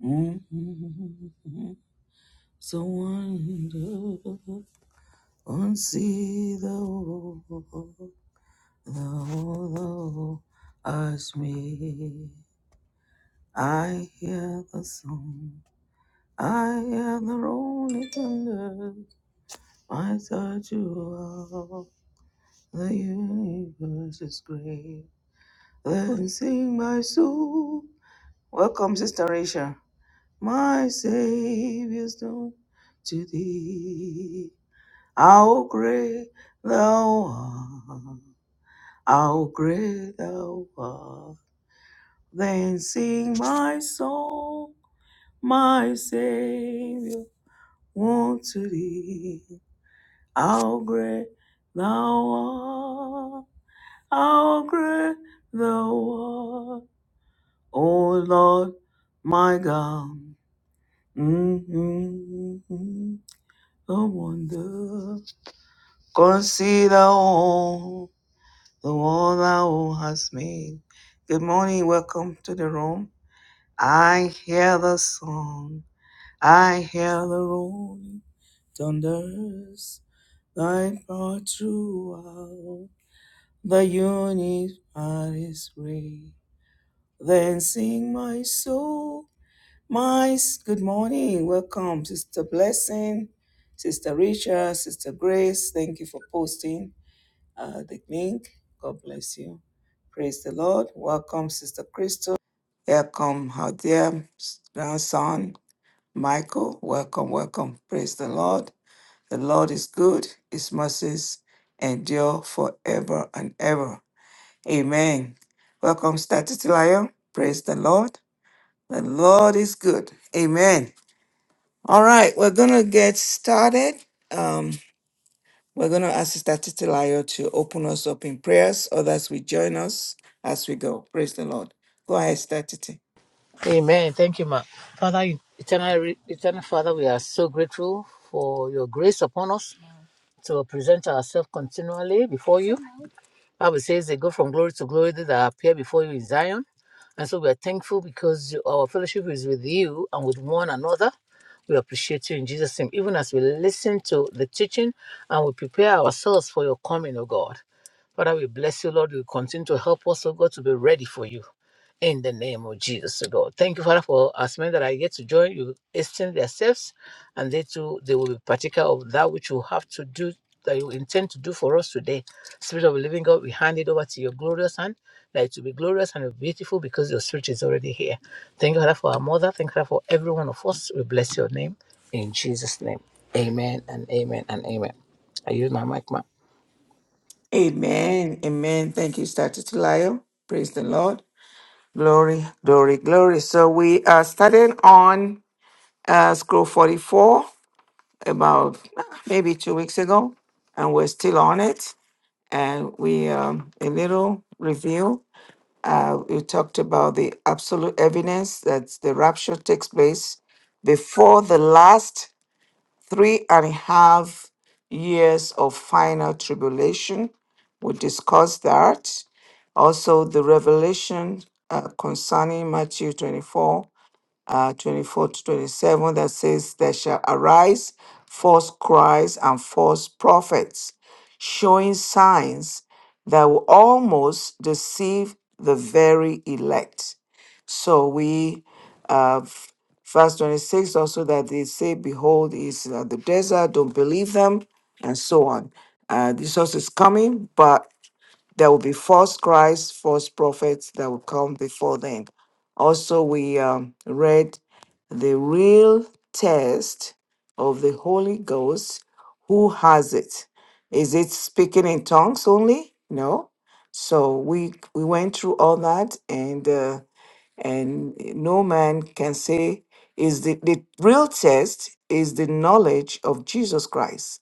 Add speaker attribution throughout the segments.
Speaker 1: Mhm. So wonderful, unsealable, though as me. I hear the song, I hear the rolling thunder. I touch you up. The universe is great. Then sing my soul. Welcome, Sister Rachel. My Savior's done to thee. How great thou art, how great thou art. Then sing my song, my Savior, unto thee. How great thou art, how great thou art. O Lord, my God, mm-hmm, the wonder. Consider all. the world thou hast made. Good morning, welcome to the room. I hear the song, I hear the rolling thunders, thy part throughout the universe is great. Then sing my soul, my s- good morning, welcome, Sister Blessing, Sister Richard, Sister Grace. Thank you for posting. uh, the link. God bless you. Praise the Lord. Welcome, Sister Crystal. Welcome, our dear grandson, Michael. Welcome, welcome. Praise the Lord. The Lord is good. His mercies endure forever and ever. Amen. Welcome, Statitilayo. Praise the Lord. The Lord is good. Amen. All right, we're going to get started. Um, We're going to ask Sister Titilayo to open us up in prayers. Others will join us as we go. Praise the Lord. Go ahead, Sister Titi.
Speaker 2: Amen. Thank you, Ma. Father, eternal, eternal Father, we are so grateful for your grace upon us to present ourselves continually before you. Bible says they go from glory to glory they that appear before you in Zion. And so we are thankful because you- our fellowship is with you and with one another. We appreciate you in Jesus' name, even as we listen to the teaching and we prepare ourselves for your coming, O God. Father, we bless you, Lord. You continue to help us, oh God, to be ready for you. In the name of Jesus, oh God. Thank you, Father, for us men that are yet to join. You extend themselves, and they too, they will be partaker of that which you have to do, that you intend to do for us today. Spirit of the living God, we hand it over to your glorious hand, that it will be glorious and beautiful because your spirit is already here. Thank you, Father, for our mother. Thank you, Father, for every one of us. We bless your name in Jesus' name. Amen and amen and amen. I use my mic, ma'am.
Speaker 1: Amen. Amen. Thank you, Sister Titilayo. Praise the Lord. Glory, glory, glory. So we are starting on uh, scroll 44 about uh, maybe two weeks ago, and we're still on it. And we um, a little review Uh, we talked about the absolute evidence that the rapture takes place before the last three and a half years of final tribulation. We discussed that. Also, the revelation uh, concerning Matthew 24 uh, 24 to 27 that says, There shall arise false Christs and false prophets, showing signs that will almost deceive the very elect. So we, uh, f- verse 26 also, that they say, Behold, he is uh, the desert, don't believe them, and so on. Uh, this is coming, but there will be false Christ, false prophets that will come before them. Also, we um, read the real test of the Holy Ghost. Who has it? Is it speaking in tongues only? No. So we we went through all that, and uh, and no man can say is the, the real test is the knowledge of jesus christ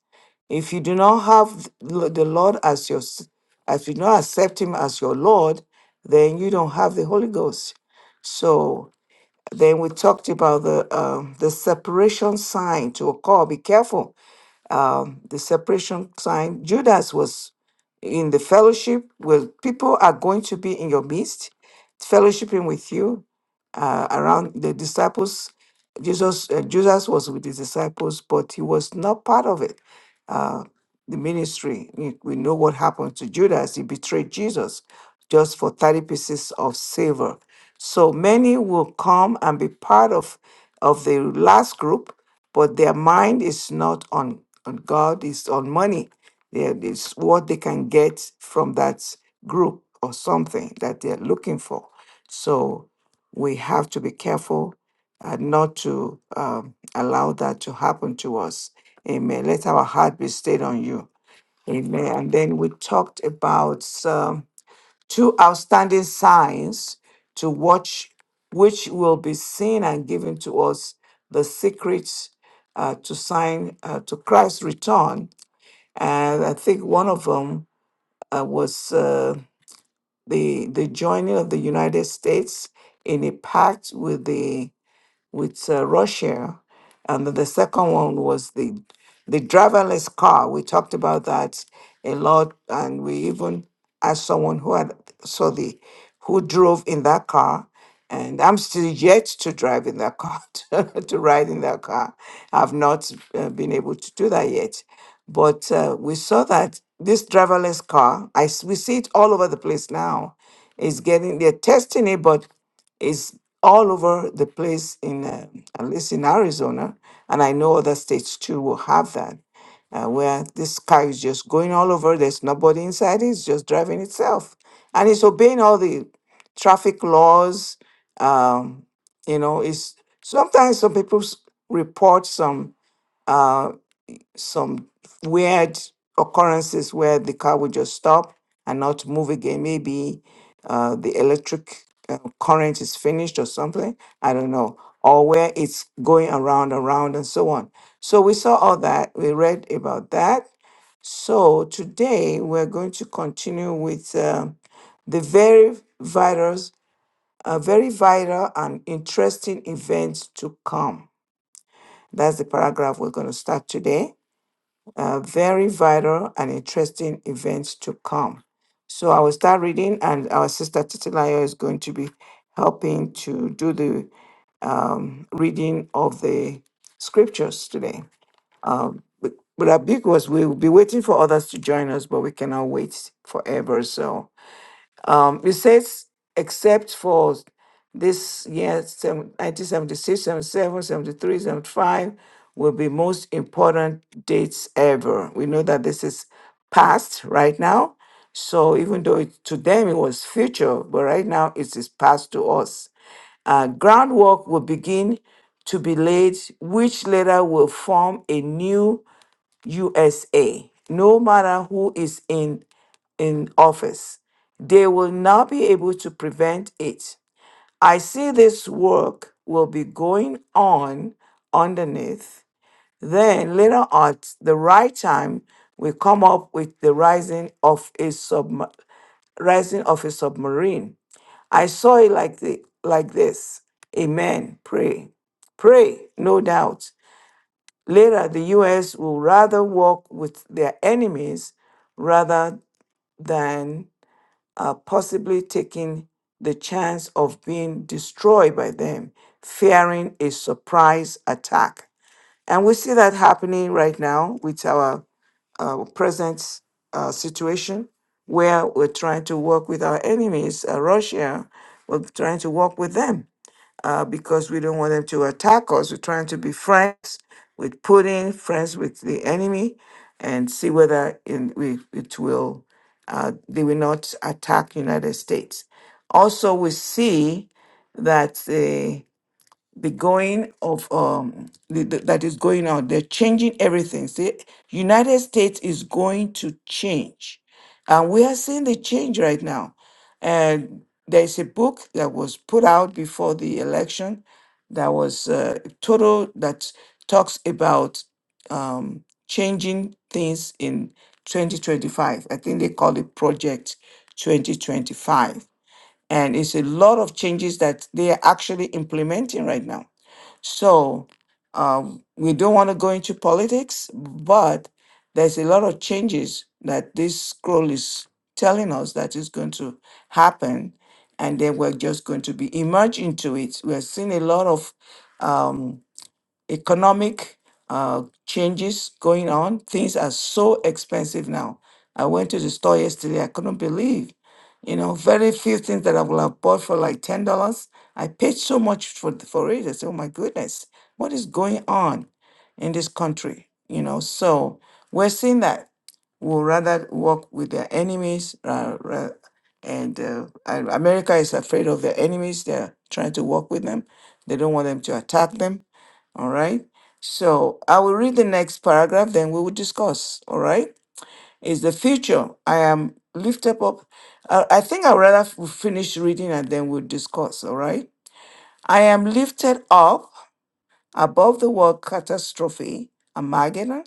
Speaker 1: if you do not have l- the lord as your s- as you do not accept him as your lord then you don't have the holy ghost so then we talked about the um, the separation sign to occur be careful um, the separation sign. Judas was in the fellowship where people are going to be in your midst, fellowshipping with you uh, around the disciples. Jesus, uh, Jesus was with his disciples, but he was not part of it. Uh, the ministry. We, we know what happened to Judas. He betrayed Jesus just for 30 pieces of silver. So many will come and be part of, of the last group, but their mind is not on, on God, it's on money. There is what they can get from that group or something that they're looking for. So we have to be careful uh, not to um, allow that to happen to us. Amen. Let our heart be stayed on you. Amen. And then we talked about um, two outstanding signs to watch, which will be seen and given to us the secrets uh, to sign uh, to Christ's return. And I think one of them uh, was uh, the the joining of the United States in a pact with the with uh, Russia, and then the second one was the the driverless car. We talked about that a lot, and we even asked someone who had saw the who drove in that car. And I'm still yet to drive in that car, to, to ride in that car. I've not uh, been able to do that yet. But uh, we saw that this driverless car, I, s- we see it all over the place now, is getting, they're testing it, but all over the place in um at least in Arizona, and I know other states too will have that, uh, where this car is just going all over. There's nobody inside; it's just driving itself, and it's obeying all the traffic laws. Um, you know, it's sometimes some people s- report some. uh, some weird occurrences where the car would just stop and not move again. Maybe uh, the electric uh, current is finished or something. I don't know. Or where it's going around, around, and so on. So we saw all that. We read about that. So today we're going to continue with um the very virus, uh, very viral and interesting events to come. That's the paragraph we're going to start today uh, very vital and interesting events to come. So I will start reading, and our sister Titilayo is going to be helping to do the um, reading of the scriptures today. Um, but but our big was we will be waiting for others to join us, but we cannot wait forever. So um, it says, except for this year, 1976, 77, 73, 75, will be most important dates ever. We know that this is past right now. So even though it, to them it was future, but right now it is past to us. Uh, groundwork will begin to be laid, which later will form a new USA. No matter who is in in office. They will not be able to prevent it. I see this work will be going on underneath. Then later at the right time, we come up with the rising of a sub rising of a submarine. I saw it like the like this. Amen. Pray. Pray, no doubt. Later the US will rather walk with their enemies rather than uh, possibly taking the chance of being destroyed by them, fearing a surprise attack. And we see that happening right now with our uh, present uh, situation, where we're trying to work with our enemies, uh, Russia, we're trying to work with them uh, because we don't want them to attack us. We're trying to be friends with Putin, friends with the enemy, and see whether in, we, it will uh, they will not attack United States. Also, we see that the going of um the, the- that is going on they're changing everything see united states is going to change and we are seeing the change right now and there's a book that was put out before the election that was uh, total that talks about um, changing things in 2025 i think they call it project 2025 and it's a lot of changes that they are actually implementing right now so um, we don't want to go into politics, but there's a lot of changes that this scroll is telling us that is going to happen. And then we're just going to be emerged into it. We're seeing a lot of um, economic uh, changes going on. Things are so expensive now. I went to the store yesterday. I couldn't believe, you know, very few things that I would have bought for like ten dollars. I paid so much for for it. I said, "Oh my goodness, what is going on in this country?" You know, so we're seeing that will rather work with their enemies. Uh, ra- and uh, and America is afraid of their enemies. They're trying to work with them. They don't want them to attack them all right. So I will read the next paragraph, then we will discuss. All right. Is the future. I am lift up. up. Uh, I think I'd rather f- finish reading and then we'll discuss. All right. I am lifted up above the world catastrophe, Armageddon,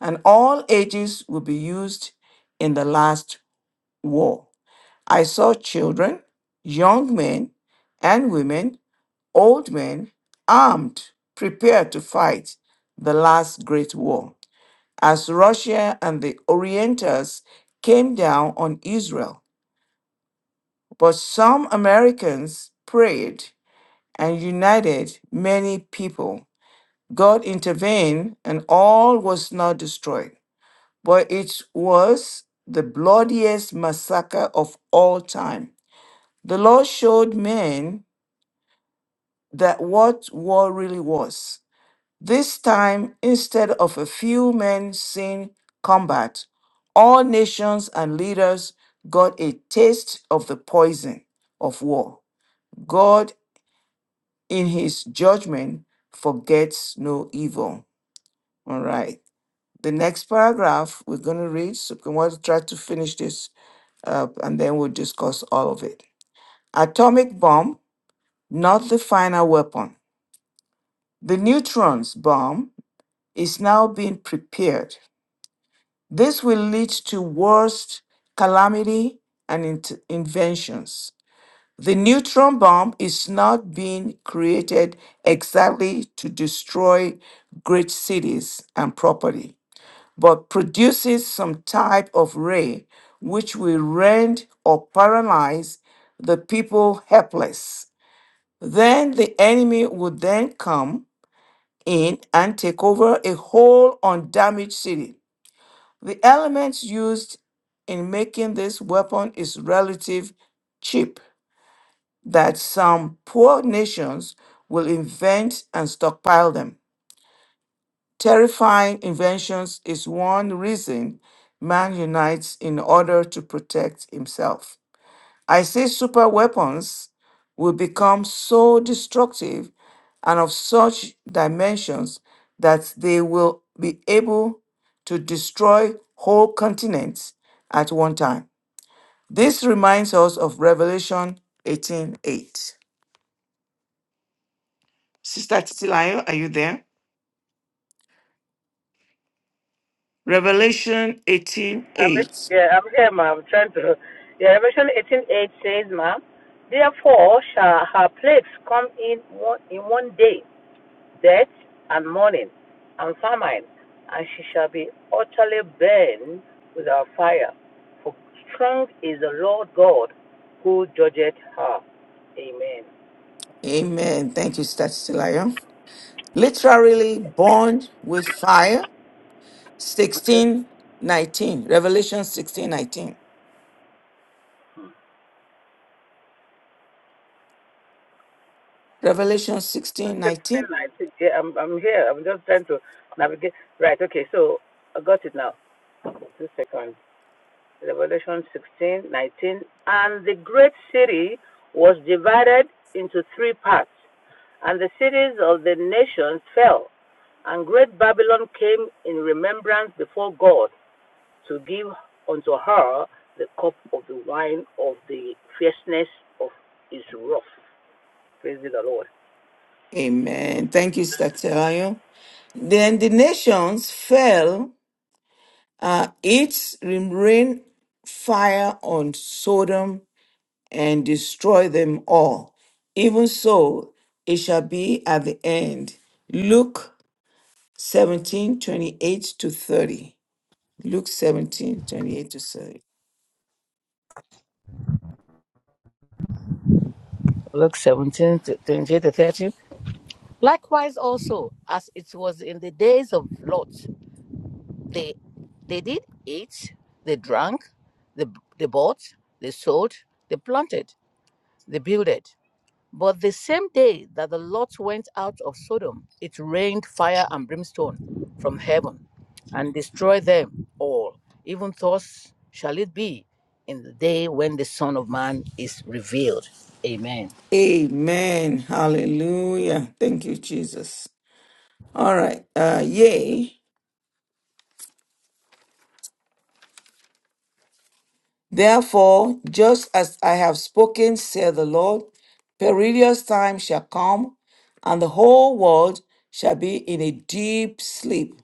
Speaker 1: and all ages will be used in the last war. I saw children, young men and women, old men, armed, prepared to fight the last great war. As Russia and the Orientals came down on Israel, but some Americans prayed and united many people. God intervened and all was not destroyed, but it was the bloodiest massacre of all time The Lord showed men that what war really was. This time, instead of a few men seeing combat, all nations and leaders got a taste of the poison of war. God, in his judgment, forgets no evil. All right. The next paragraph we're going to read, so we want to try to finish this up and then we'll discuss all of it. Atomic bomb, not the final weapon. The neutrons bomb is now being prepared. This will lead to worst calamity and int- inventions. The neutron bomb is not being created exactly to destroy great cities and property, but produces some type of ray which will rend or paralyze the people helpless. Then the enemy would then come in and take over a whole undamaged city. The elements used in making this weapon is relative cheap, that some poor nations will invent and stockpile them. Terrifying inventions is one reason man unites in order to protect himself. I say super weapons will become so destructive and of such dimensions that they will be able to destroy whole continents at one time. This reminds us of Revelation 18:8. Sister Titilayo, are you there? Revelation
Speaker 2: I'm
Speaker 1: 18:8.
Speaker 2: yeah, I'm here, ma'am. I'm trying to. Yeah, Revelation eighteen eight says, ma'am, therefore shall her plagues come in one in one day, death and mourning and famine, and she shall be utterly burned without fire. For strong is the Lord God who judgeth her. Amen.
Speaker 1: Amen. Thank you, Sister Titilayo. Literally burned with fire
Speaker 2: Okay.
Speaker 1: Sixteen 19, revelation 16 19, revelation sixteen
Speaker 2: Sixteen
Speaker 1: nineteen,
Speaker 2: nineteen. Yeah, I'm I'm here. I'm just trying to navigate. Right. Okay. So I got it now. Two seconds. Revelation 16:19, And the great city was divided into three parts, and the cities of the nations fell. And great Babylon came in remembrance before God to give unto her the cup of the wine of the fierceness of his wrath. Praise the Lord.
Speaker 1: amen thank you sister Ayo. then the nations fell uh, its rain fire on sodom and destroy them all even so it shall be at the end luke 17 28 to 30 luke 17 28 to 30
Speaker 2: Luke 17, to to 30. Likewise also, as it was in the days of Lot They they did eat, they drank, they, they bought, they sold, they planted, they builded. But the same day that the Lot went out of Sodom, it rained fire and brimstone from heaven and destroyed them all. Even thus shall it be in the day when the Son of Man is revealed. Amen.
Speaker 1: Amen. Hallelujah. Thank you, Jesus. All right. Uh, yea. Therefore, just as I have spoken, said the Lord, perilous time shall come, and the whole world shall be in a deep sleep.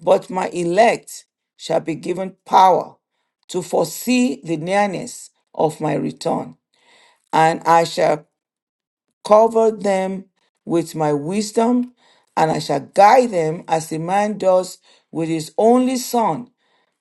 Speaker 1: But my elect shall be given power to foresee the nearness of my return, and I shall cover them with my wisdom, and I shall guide them as a man does with his only son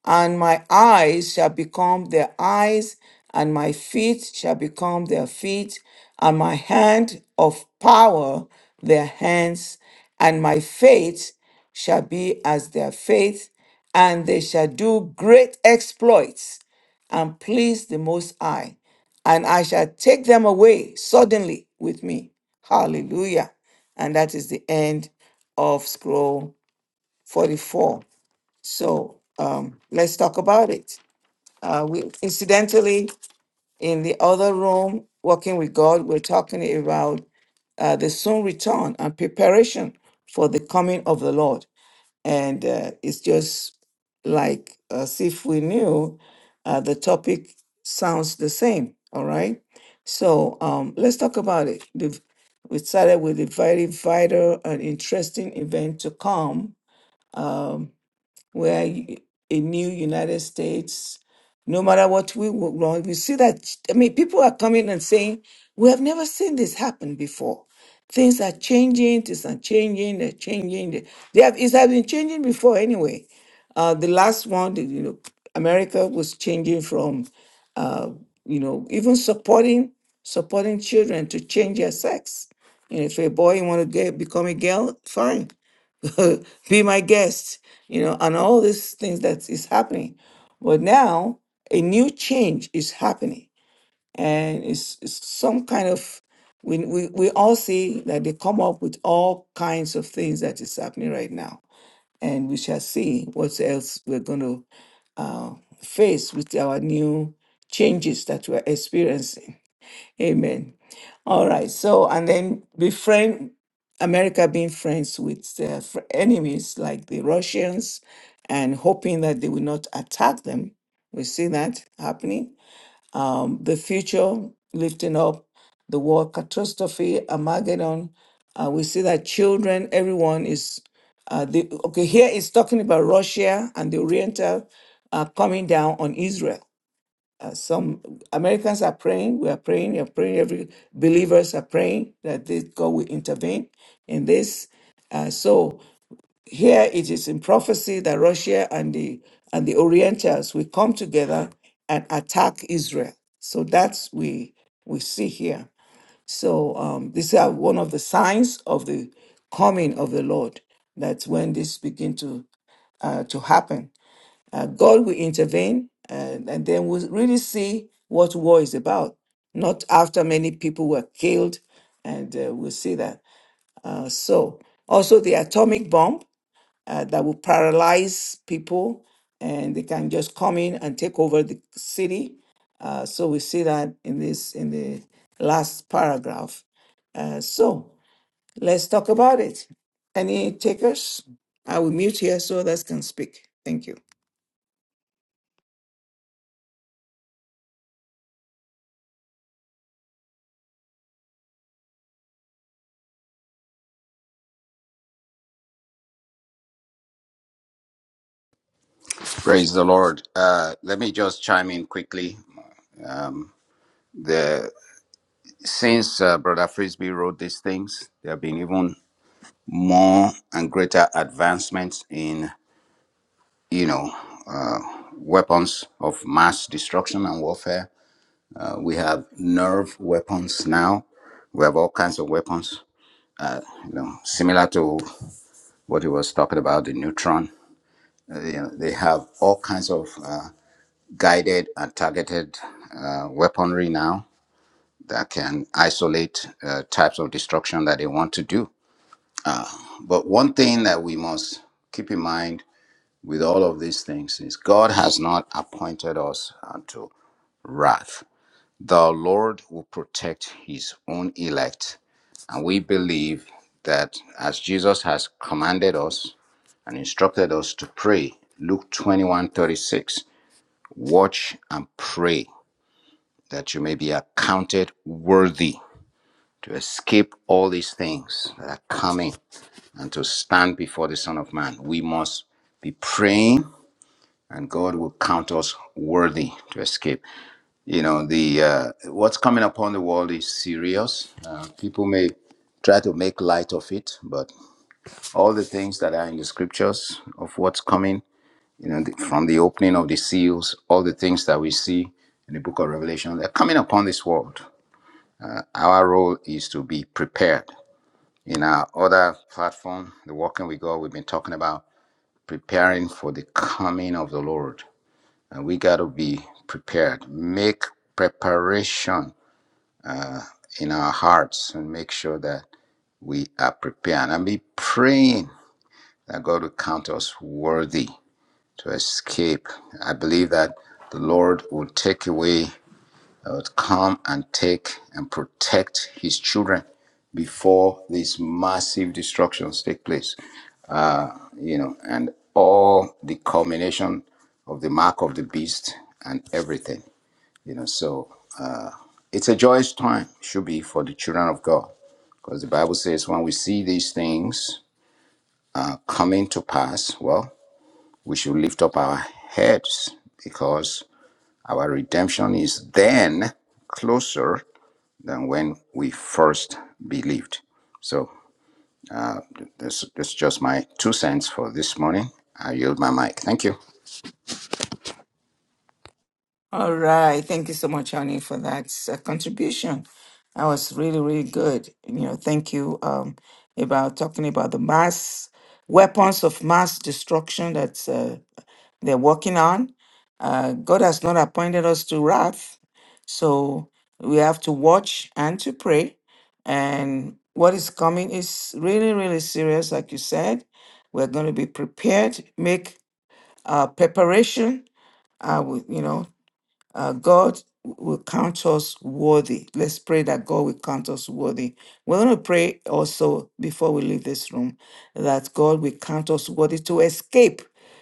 Speaker 1: and my eyes shall become their eyes, and my feet shall become their feet, and my hand of power their hands, and my faith shall be as their faith, and they shall do great exploits and please the Most High, and I shall take them away suddenly with me. Hallelujah. And that is the end of scroll 44. So um, let's talk about it. Uh, we incidentally in the other room, working with God, we're talking about uh, the soon return and preparation for the coming of the Lord. And uh, it's just like as if we knew uh, the topic sounds the same. All right. So um, let's talk about it. We've- We started with a very vital and interesting event to come We are u- a new United States. No matter what we work wrong, we see that, I mean, people are coming and saying, we have never seen this happen before. Things are changing, things are changing, they're changing. They have, it has been changing before anyway. Uh, the last one, the- you know, America was changing from, uh, you know, even supporting supporting children to change their sex. And if a boy want to get become a girl, fine. be my guest, you know, and all these things that is happening. But now a new change is happening, and it's, it's some kind of we, we we all see that they come up with all kinds of things that is happening right now, and we shall see what else we're going to uh, face with our new changes that we're experiencing. Amen. All right. So, and then befriend America being friends with uh, fr- enemies like the Russians and hoping that they will not attack them. We see that happening. Um, the future lifting up the war catastrophe, Armageddon. Uh, we see that children, everyone is. Uh, the, okay, here it's talking about Russia and the Oriental uh, coming down on Israel some Americans are praying. We are praying. You're praying. Every believers are praying that this God will intervene in this. Uh, so here it is in prophecy that Russia and the and the Orientals will come together and attack Israel. So that's we we see here. So um, these are one of the signs of the coming of the Lord. That's when this begin to uh, to happen uh, God will intervene, and, and then we'll really see what war is about. Not after many people were killed, and uh, we'll see that. Uh, so, also the atomic bomb uh, that will paralyze people, and they can just come in and take over the city. Uh, so we see that in this in the last paragraph. Uh, so let's talk about it. Any takers? I will mute here so others can speak. Thank you.
Speaker 3: Praise the Lord. Uh, let me just chime in quickly. Um, the since uh, Brother Frisbee wrote these things, there have been even more and greater advancements in you know uh, weapons of mass destruction and warfare. Uh, we have nerve weapons now. We have all kinds of weapons, you know, similar to what he was talking about the neutron. Uh, you know, they have all kinds of uh, guided and targeted uh, weaponry now that can isolate uh, types of destruction that they want to do. But one thing that we must keep in mind with all of these things is God has not appointed us unto wrath. The Lord will protect his own elect. And we believe that as Jesus has commanded us and instructed us to pray, Luke 21 36, watch and pray that you may be accounted worthy to escape all these things that are coming and to stand before the Son of Man. We must be praying and God will count us worthy to escape. You know, the uh, what's coming upon the world is serious. Uh, people may try to make light of it, but all the things that are in the scriptures of what's coming, you know, the, from the opening of the seals, all the things that we see in the book of Revelation, they're coming upon this world. Our role is to be prepared In our other platform, The Walking with God, we've been talking about preparing for the coming of the Lord. And we got to be prepared. Make preparation in our hearts and make sure that we are prepared. And be praying that God will count us worthy to escape. I believe that the Lord will take away would come and take and protect his children before these massive destructions take place. Uh, you know, and all the culmination of the mark of the beast and everything, you know. So it's a joyous time, should be for the children of God. Because the Bible says when we see these things uh, coming to pass, well, we should lift up our heads because our redemption is then closer than when we first believed. So uh, this, this is just my two cents for this morning. I yield my mic. Thank you.
Speaker 1: All right. Thank you so much, Annie, for that uh, contribution. That was really, really good. You know, thank you um, about talking about the mass weapons of mass destruction that uh, they're working on. Uh, God has not appointed us to wrath, so we have to watch and to pray. And what is coming is really, really serious, like you said. We're going to be prepared, make uh, preparation. Uh, with, you know, uh, God will count us worthy. Let's pray that God will count us worthy. We're going to pray also before we leave this room that God will count us worthy to escape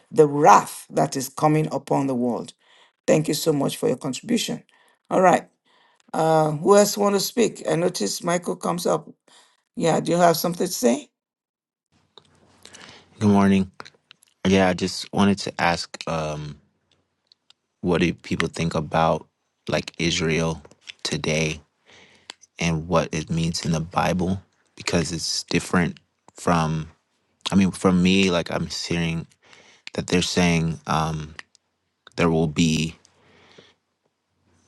Speaker 1: the wrath that is coming upon the world. Thank you so much for your contribution. All right. Uh, who else want to speak? I notice Michael comes up. Yeah, do you have something to say?
Speaker 4: Good morning. Yeah, I just wanted to ask, um, what do people think about like Israel today and what it means in the Bible? Because it's different from, I mean, for me, like I'm hearing that they're saying um, there will be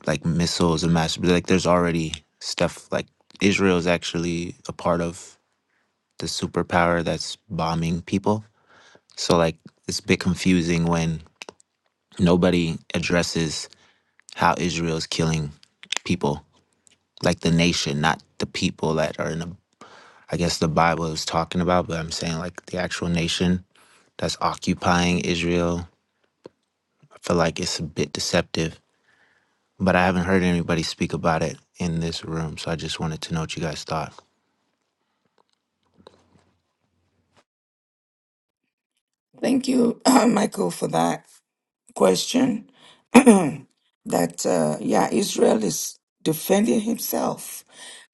Speaker 4: like missiles and mass, like there's already stuff like Israel is actually a part of the superpower that's bombing people. So like it's a bit confusing when nobody addresses how Israel's killing people, like the nation, not the people that are in the, I guess the Bible is talking about, but I'm saying like the actual nation that's occupying Israel. I feel like it's a bit deceptive, but I haven't heard anybody speak about it in this room. So I just wanted to know what you guys thought.
Speaker 1: Thank you, Michael, for that question. that, uh, yeah, Israel is defending himself.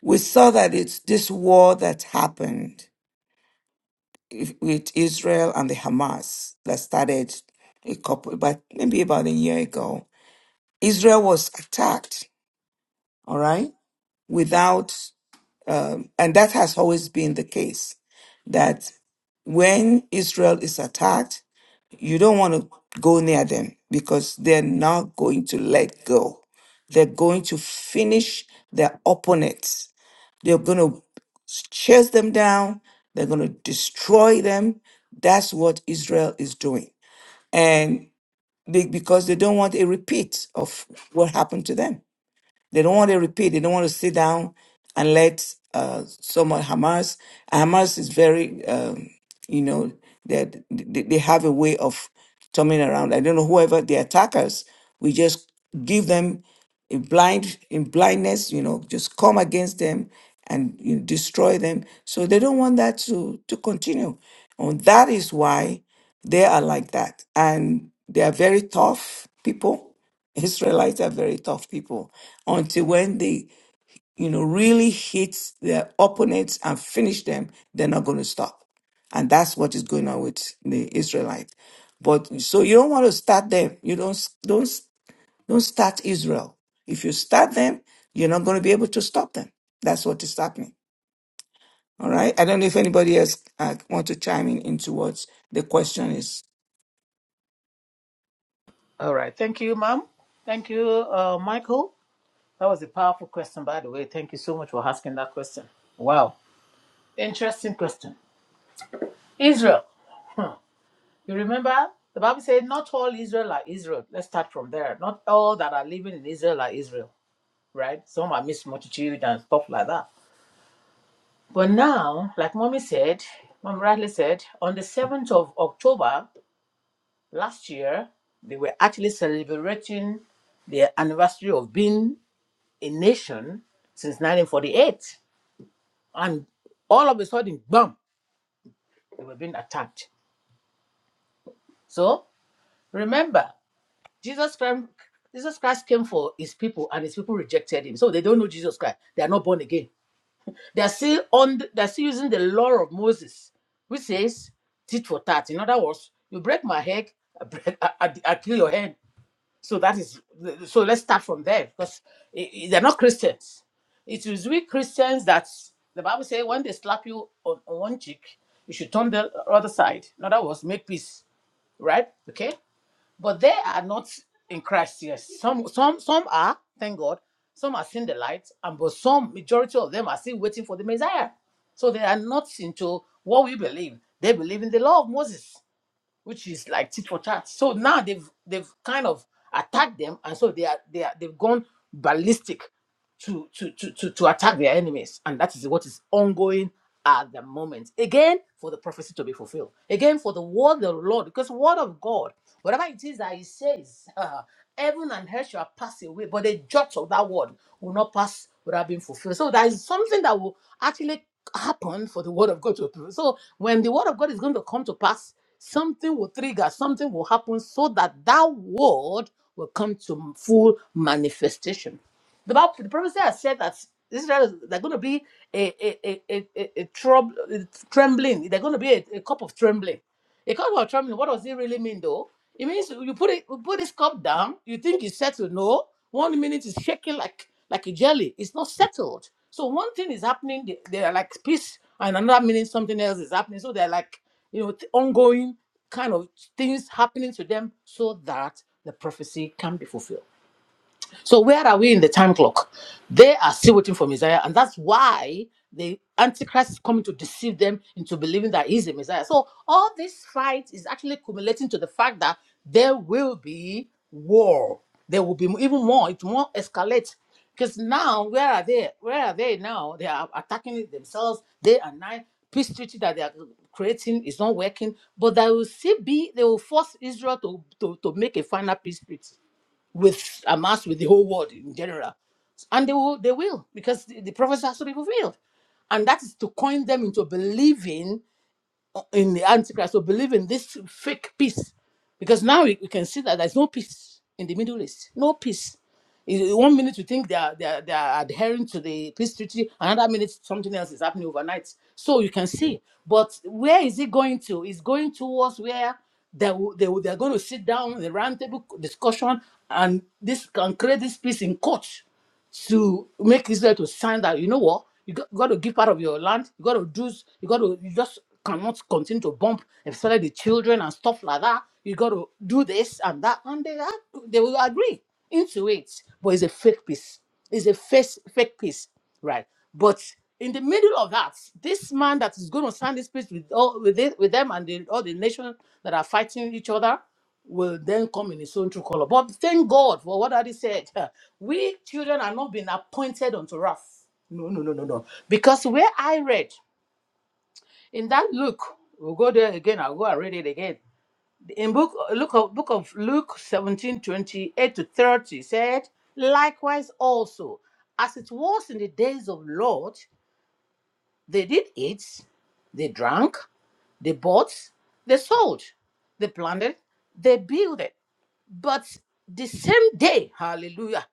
Speaker 1: We saw that it's this war that happened if- with Israel and the Hamas that started a couple, but maybe about a year ago. Israel was attacked, all right? without, um, and that has always been the case, that when Israel is attacked, you don't want to go near them because they're not going to let go. They're going to finish their opponents. They're going to chase them down. They're going to destroy them. That's what Israel is doing. And they, because they don't want a repeat of what happened to them. They don't want to repeat. They don't want to sit down and let uh, someone Hamas. and Hamas is very, um, you know, that they, they have a way of turning around. I don't know whoever the attackers. We just give them a blind in blindness. You know, just come against them and you know, destroy them. So they don't want that to to continue, and that is why they are like that. And they are very tough people Israelites are very tough people until when they, you know, really hit their opponents and finish them, they're not going to stop. And that's what is going on with the Israelites. But so you don't want to start them. You don't don't don't start Israel. If you start them, you're not going to be able to stop them. That's what is happening. All right. I don't know if anybody else uh, want to chime in into what the question is.
Speaker 2: All right. Thank you, ma'am. Thank you, uh, Michael. That was a powerful question, by the way. Thank you so much for asking that question. Wow. Interesting question. Israel. You remember the Bible said not all Israel are Israel. Let's start from there. Not all that are living in Israel are Israel, right? Some are mixed multitude and stuff like that. But now, like mommy said, mom rightly said, on the 7th of October last year, they were actually celebrating the anniversary of being a nation since 1948. And all of a sudden, bam, they were being attacked. So remember, Jesus Christ, Jesus Christ came for his people, and his people rejected him. So they don't know Jesus Christ. They are not born again. They are still on. They are still using the law of Moses, which says tit for tat. In other words, you break my head, I, break, I, I, I kill your hand. So that is. So let's start from there because i- i- they're not Christians. It is we Christians that the Bible says when they slap you on, on one cheek, you should turn the other side. In other words, make peace. Right? Okay but they are not in Christ yet. Some some some are, thank God. Some are seeing the light, and but some majority of them are still waiting for the Messiah. So they are not into what we believe. They believe in the law of Moses, which is like tit for tat. So now they've they've kind of attacked them, and so they are they are they've gone ballistic to, to, to, to, to attack their enemies. And that is what is ongoing at the moment. Again, for the prophecy to be fulfilled. Again, for the word of the Lord, because word of God, whatever it is that he says, heaven and earth shall pass away, but the jot of that word will not pass without being fulfilled. So there is something that will actually happen for the word of God to appear. So when the word of God is going to come to pass, something will trigger, something will happen so that that word will come to full manifestation. The Bible, the prophet Isaiah said that Israel, they're going to be a a a a, a, trouble, trembling. They're going to be a, a cup of trembling. A cup of trembling. What does it really mean, though? It means you put it, you put this cup down. You think it's settled. No, one minute is shaking like like a jelly. It's not settled. So one thing is happening. They, they are like peace, and another minute something else is happening. So they're like you know th- ongoing kind of things happening to them, so that the prophecy can be fulfilled. So where are we in the time clock? They are still waiting for Messiah, and that's why the Antichrist is coming to deceive them into believing that he's a Messiah. So all this fight is actually accumulating to the fact that there will be war. There will be even more. It won't escalate. Because now, where are they? Where are they now? They are attacking it themselves day and night. Peace treaty that they are creating is not working. But they will still be, they will force Israel to, to, to make a final peace treaty with Hamas, with the whole world in general. And they will, they will, because the, the prophecy has to be fulfilled. And that is to coin them into believing in the Antichrist will believe in this fake peace. Because now we, we can see that there's no peace in the Middle East. No peace. In- One minute we think they are, they are they are adhering to the peace treaty, another minute something else is happening overnight. So you can see. But where is it going to? It's going towards where they will- they will- they are going to sit down in the roundtable discussion, and this can create this peace in court to make Israel to sign that you know what you got, got to give part of your land, you got to do, you got to you just cannot continue to bump, especially the children and stuff like that. You got to do this and that, and they are- they will agree into it. But it's a fake peace. It's a fake fake peace, right? But in the middle of that, this man that is going to sign this peace with all with it, with them and the, all the nations that are fighting each other will then come in his own true color. But thank God for what Daddy said. We children are not being appointed unto wrath. No, no, no, no, no. Because where I read in that Luke, we'll go there again. I'll go and read it again. In book look of book of Luke 17 28 to 30 said, likewise also, as it was in the days of Lord, they did eat, they drank, they bought, they sold, they planted, they built. But the same day, hallelujah,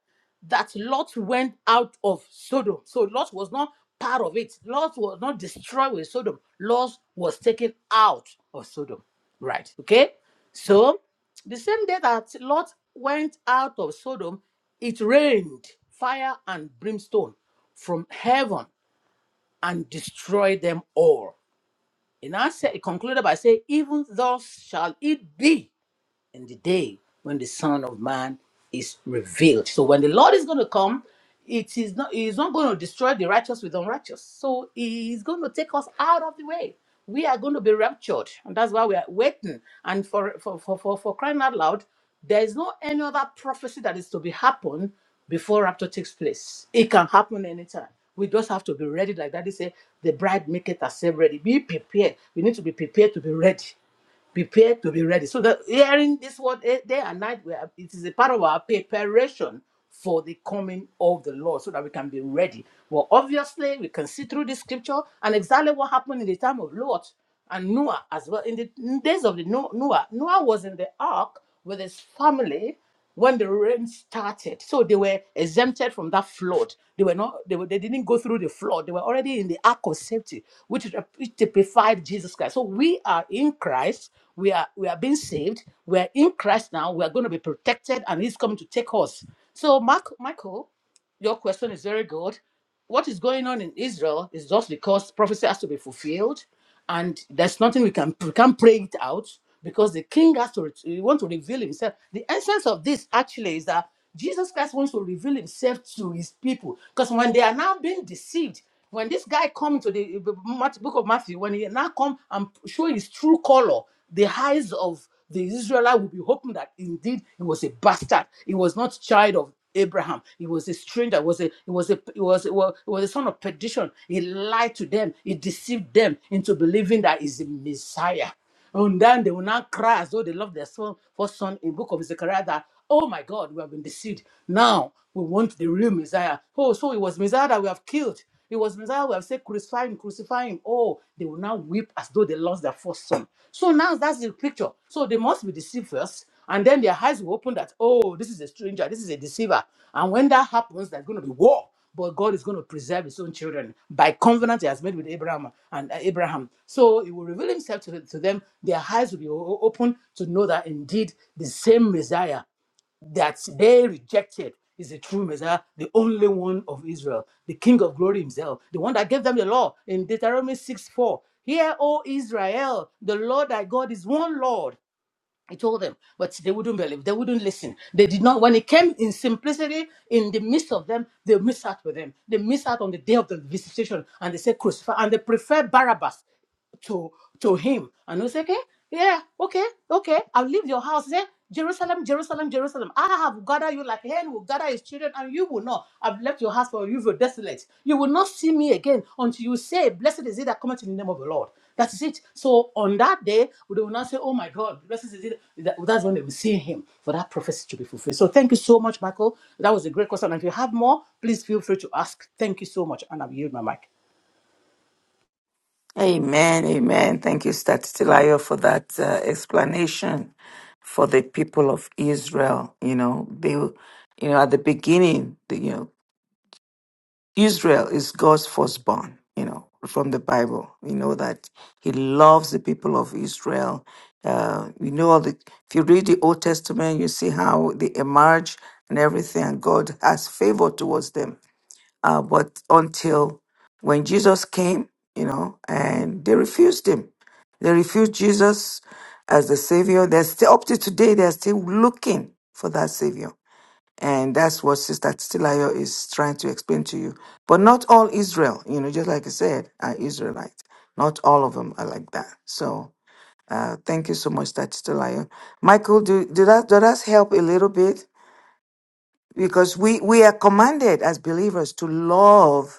Speaker 2: that Lot went out of Sodom. So Lot was not part of it. Lot was not destroyed with Sodom. Lot was taken out of Sodom. Right. Okay. So the same day that Lot went out of Sodom, it rained fire and brimstone from heaven and destroyed them all. And I said, it concluded by saying, Even thus shall it be in the day when the Son of Man is revealed. So when the Lord is going to come, it is not he's not going to destroy the righteous with unrighteous. So he's going to take us out of the way. We are going to be raptured, and that's why we are waiting. And for for for for, for crying out loud, there is no any other prophecy that is to be happen before rapture takes place. It can happen anytime. We just have to be ready, like Daddy said, the bride maketh herself ready. Be prepared. We need to be prepared to be ready prepared to be ready. So that hearing this word eh, day and night, we are- it is a part of our preparation for the coming of the Lord, so that we can be ready. Well, obviously, we can see through the scripture and exactly what happened in the time of Lot and Noah as well. In the days of the No- Noah, Noah was in the ark with his family when the rain started. So they were exempted from that flood. They were not, they, were, they didn't go through the flood. They were already in the ark of safety, which, rep- which typified Jesus Christ. So we are in Christ. We are we are being saved. We are in Christ now. We are going to be protected, and He's coming to take us. So, Mark, Michael. Your question is very good. What is going on in Israel is just because prophecy has to be fulfilled, and there's nothing we can we can't pray it out because the king has to he want to reveal himself. The essence of this actually is that Jesus Christ wants to reveal himself to his people because when they are now being deceived, when this guy comes to the uh, book of Matthew, when he now come and show his true color, the eyes of the Israelite will be hoping that indeed he was a bastard. He was not child of Abraham. He was a stranger. He was a he was a he was a, wa- he was a son of perdition. He lied to them. He deceived them into believing that he's the Messiah. And then they will now cry as though they love their son, first son in book of Zechariah that, oh my God, we have been deceived. Now we want the real Messiah. Oh, so it was Messiah that we have killed. It was Messiah who have said, crucify him, crucify him. Oh, they will now weep as though they lost their first son. So now that's the picture. So they must be deceived first. And then their eyes will open that, oh, this is a stranger, this is a deceiver. And when that happens, there's going to be war. But God is going to preserve his own children by covenant he has made with Abraham and uh, Abraham. So he will reveal himself to, to them. Their eyes will be o- open to know that indeed the same Messiah that they rejected is the true Messiah, the only one of Israel, the King of glory himself, the one that gave them the law in Deuteronomy 6 4. Hear, O Israel, the Lord thy God is one Lord. I told them, but they wouldn't believe. They wouldn't listen. They did not. When it came in simplicity, in the midst of them, they missed out with them. They missed out on the day of the visitation, and they said crucify, and they prefer Barabbas to to him. And they say, okay, yeah, okay, okay, I'll leave your house Say Jerusalem, Jerusalem, Jerusalem. I have gathered you like a hen will gather his children, and you will not. I've left your house for you, were desolate. You will not see me again until you say, Blessed is he that cometh in the name of the Lord. That is it. So on that day, they will not say, Oh my God, this is it. That- That's when they will see him for that prophecy to be fulfilled. So thank you so much, Michael. That was a great question. And if you have more, please feel free to ask. Thank you so much. And I'll yield my mic.
Speaker 1: Amen, amen. Thank you, Statitilayo, for that uh, explanation for the people of Israel. You know, they, you know, at the beginning, the, you know, Israel is God's firstborn. You know, from the Bible, we know that He loves the people of Israel. Uh, you know, all the if you read the Old Testament, you see how they emerge and everything, and God has favor towards them uh, but until when Jesus came, you know, and they refused him. They refused Jesus as the Savior. They're still, up to today, they're still looking for that Savior. And that's what Sister Titilayo is trying to explain to you. But not all Israel, you know, just like I said, are Israelites. Not all of them are like that. So uh, thank you so much, Sister Titilayo. Michael, do, do that, does that help a little bit? Because we, we are commanded as believers to love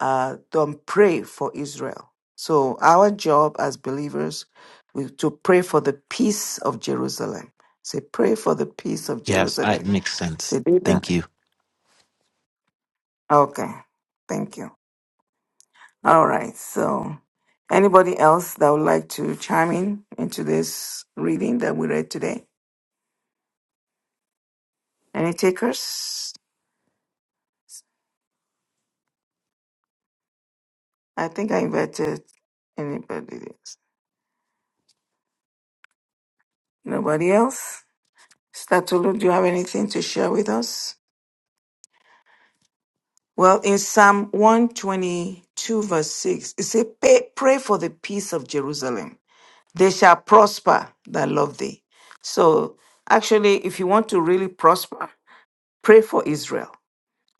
Speaker 1: uh, don't pray for Israel. So our job as believers is to pray for the peace of Jerusalem. Say, pray for the peace of
Speaker 4: Yes, I, it
Speaker 1: Jerusalem.
Speaker 4: makes sense.
Speaker 1: Say, do
Speaker 4: Thank
Speaker 1: that.
Speaker 4: you.
Speaker 1: Okay, thank you. All right. So, anybody else that would like to chime in into this reading that we read today? Any takers? I think I invited anybody else. Nobody else. Statulu, do you have anything to share with us? Well, in Psalm 122, verse 6, it says, pray, pray for the peace of Jerusalem. They shall prosper that love thee. So, actually, if you want to really prosper, pray for Israel.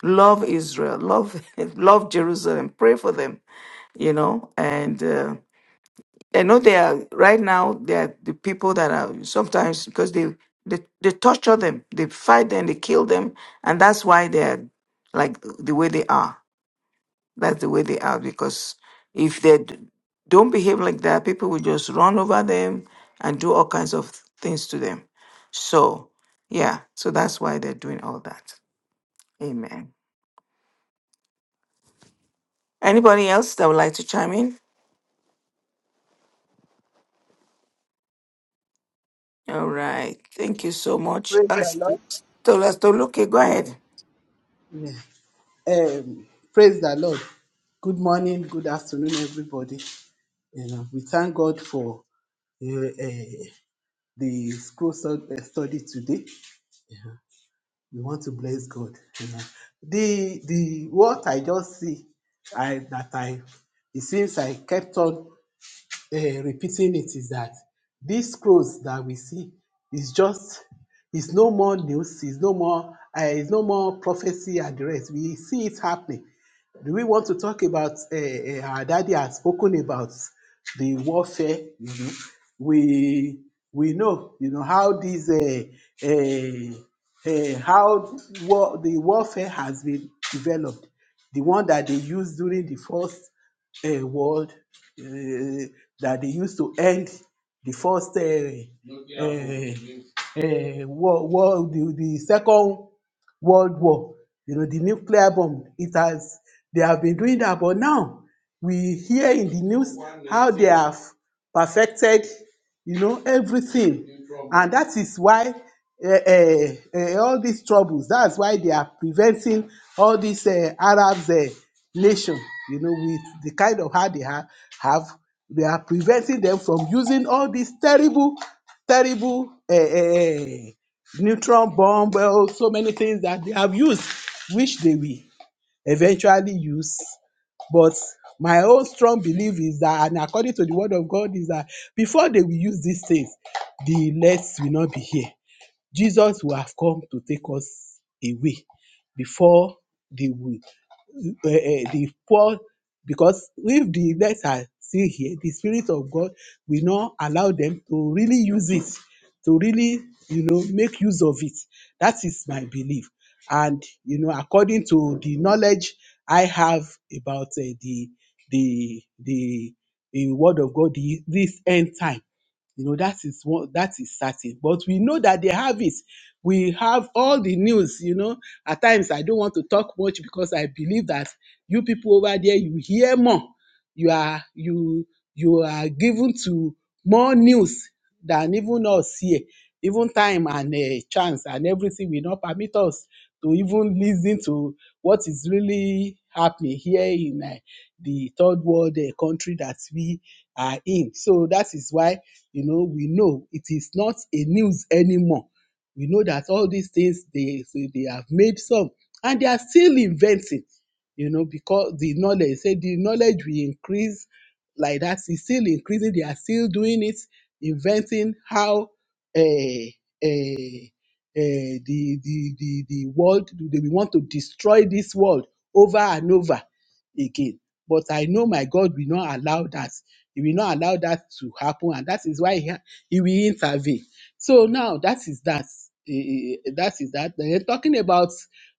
Speaker 1: Love Israel. Love, love Jerusalem. Pray for them, you know. And uh, I know they are, right now, they are the people that are sometimes, because they, they, they torture them, they fight them, they kill them. And that's why they are like the way they are that's the way they are because if they d- don't behave like that, people will just run over them and do all kinds of things to them. So, yeah, so that's why they're doing all that. Amen. Anybody else that would like to chime in? All right. Thank you so much.
Speaker 5: Praise the Lord.
Speaker 1: Tolastoluke, go ahead.
Speaker 5: Yeah. Um, praise the Lord. Good morning, good afternoon, everybody. You know, we thank God for uh, uh, the school stud- uh, study today. Yeah. We want to bless God. You know, the the what I just see, I that I it seems I kept on. eh, repeating it is that these scrolls that we see is just is no more news, is no more uh, is no more prophecy and the rest. We see it happening. Do we want to talk about uh, our daddy has spoken about the warfare? You know, we we know you know how these uh, uh, uh, how war, the warfare has been developed. The one that they used during the first uh, world uh, that they used to end the first uh, uh, uh, war, war the, the second world war you know the nuclear bomb it has they have been doing that but now we hear in the news how they have perfected you know everything and that is why uh, uh, uh, all these troubles that's why they are preventing all these uh, arabs uh, nation you know with the kind of how they ha- have they are preventing them from using all these terrible terrible uh, uh, neutron bomb well, so many things that they have used which they will eventually use. But my own strong belief is that, and according to the word of God, is that before they will use these things, the elect will not be here. Jesus will have come to take us away before they will uh, uh, the fall because if the legs are still here the spirit of god will not allow them to really use it to really you know make use of it that is my belief and you know according to the knowledge i have about uh, the the the the word of god the, this end time you know that is one that is certain but we know that they have it we have all the news you know at times i don't want to talk much because i believe that you people over there you hear more you are you you are given to more news than even us here even time and uh, chance and everything will not permit us to even listen to what is really happening here in uh, the third world uh, country that we are in so that is why you know we know it is not a news anymore we know that all these things they so they have made some and they are still inventing, you know, because the knowledge say the knowledge will increase like that, it's still increasing, they are still doing it, inventing how eh, eh, eh, the, the, the, the world, they will want to destroy this world over and over again. But I know my God will not allow that. He will not allow that to happen. And that is why he, ha- he will intervene so now that is that. Eh, eh, eh, that is that. Eh, talking about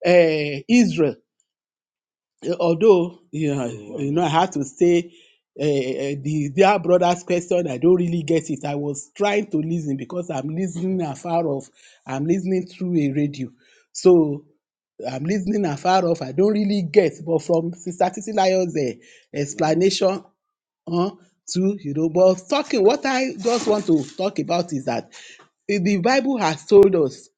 Speaker 5: uh, Israel, eh, although you know, you know, I had to say uh, the dear brother's question. I don't really get it. I was trying to listen because I'm listening afar off. I'm listening through a radio, so I'm listening afar off. I don't really get. But from Sister Titi Lion's eh, Mm. explanation, huh, to you know but talking what i just want to talk about is that eh, the bible has told us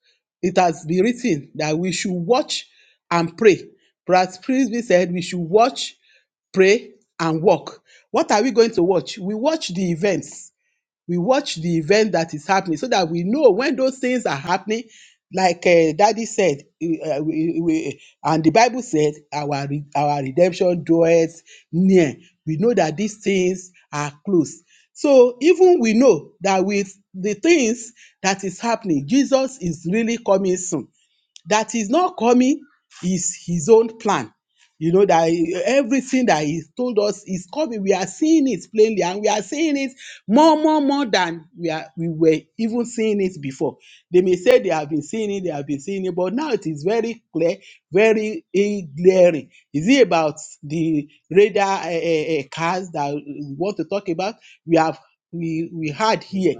Speaker 5: it has been written that we should watch and pray brad Frisbee said we should watch pray and walk what are we going to watch we watch the events we watch the event that is happening so that we know when those things are happening like uh, daddy said uh, we, we, and the bible said our re- our redemption draweth near we know that these things are close so even we know that with the things that is happening jesus is really coming soon that is not coming is his own plan. You know that everything that he told us is coming. We are seeing it plainly, and we are seeing it more, more, more than we are. We were even seeing it before. They may say they have been seeing it, they have been seeing it, but now it is very clear, very eh, glaring. Is it about the radar uh, cars that we want to talk about? We have we we had here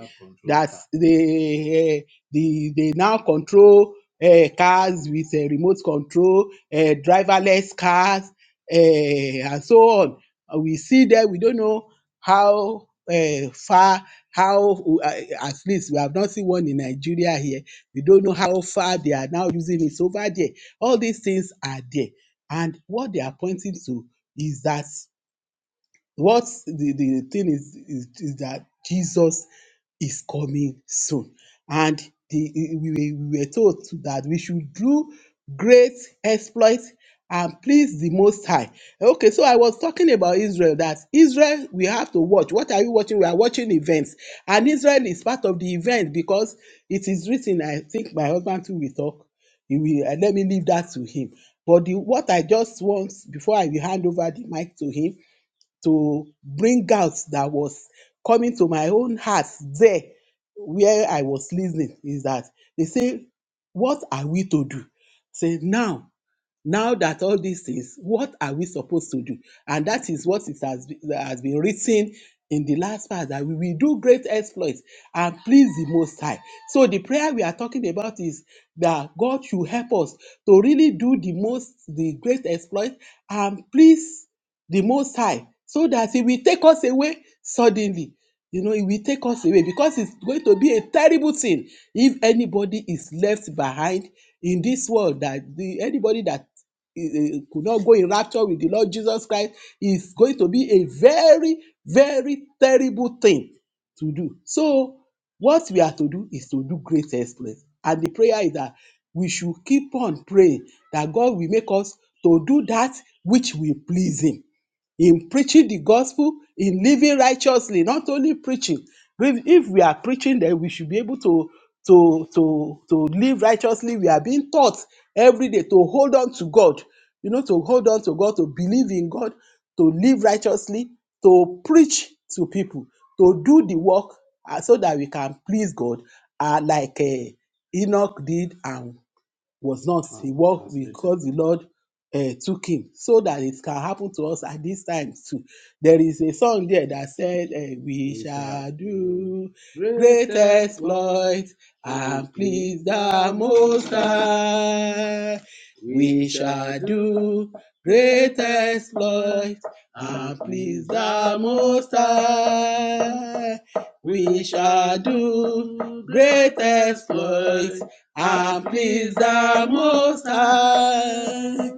Speaker 5: that they eh, the they now control eh, cars with eh, remote control, eh, driverless cars, eh, and so on. And we see that we don't know how eh, far, how, uh, at least we have not seen one in Nigeria here. We don't know how far they are now using it So over there. All these things are there. And what they are pointing to is that what the, the thing is, is, is that Jesus is coming soon. And the, we, we we were told that we should do great exploits and please the Most High. Okay, so I was talking about Israel, that Israel, we have to watch. What are you watching? We are watching events. And Israel is part of the event because it is written, I think my husband too will talk. He will, uh, let me leave that to him. But the, what I just want, before I will hand over the mic to him, to bring out that was coming to my own heart there where I was listening is that they say, What are we to do? Say, now, now that all these things, what are we supposed to do? And that is what it has, be- that has been written in the last part that we will do great exploits and please the Most High. So the prayer we are talking about is that God should help us to really do the most, the great exploit and please the most high so that he will take us away suddenly you know he will take us away because it's going to be a terrible thing if anybody is left behind in this world that the anybody that eh, eh, could not go in rapture with the lord jesus christ is going to be a very very terrible thing to do so what we are to do is to do great exploits and the prayer is that we should keep on praying that god will make us to do that which will please him in preaching the gospel, in living righteously, not only preaching. If if we are preaching, then we should be able to to to to live righteously. We are being taught every day to hold on to God, you know, to hold on to God, to believe in God, to live righteously, to preach to people, to do the work uh, so that we can please God, uh, like uh, Enoch did and was not. He walked because the Lord uh, took him, so that it can happen to us at this time too. There is a song there that said, eh, "We shall do do great exploits and please the Most High. We shall do do great exploits and please the Most High. We shall do do great exploits I please the most high,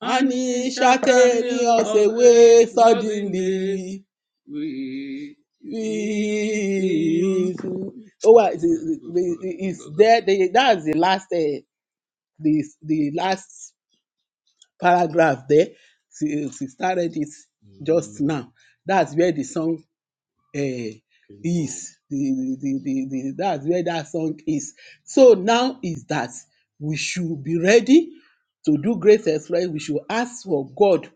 Speaker 5: and he shall carry us away suddenly. We we. oh, well, the, the, the, it's there. The, that's the last, uh, the, the last paragraph there. She, she started it just now. That's where the song eh, is the, the, the, the, the that's where that song is. So now is that we should be ready to do great exploit. We should ask for God.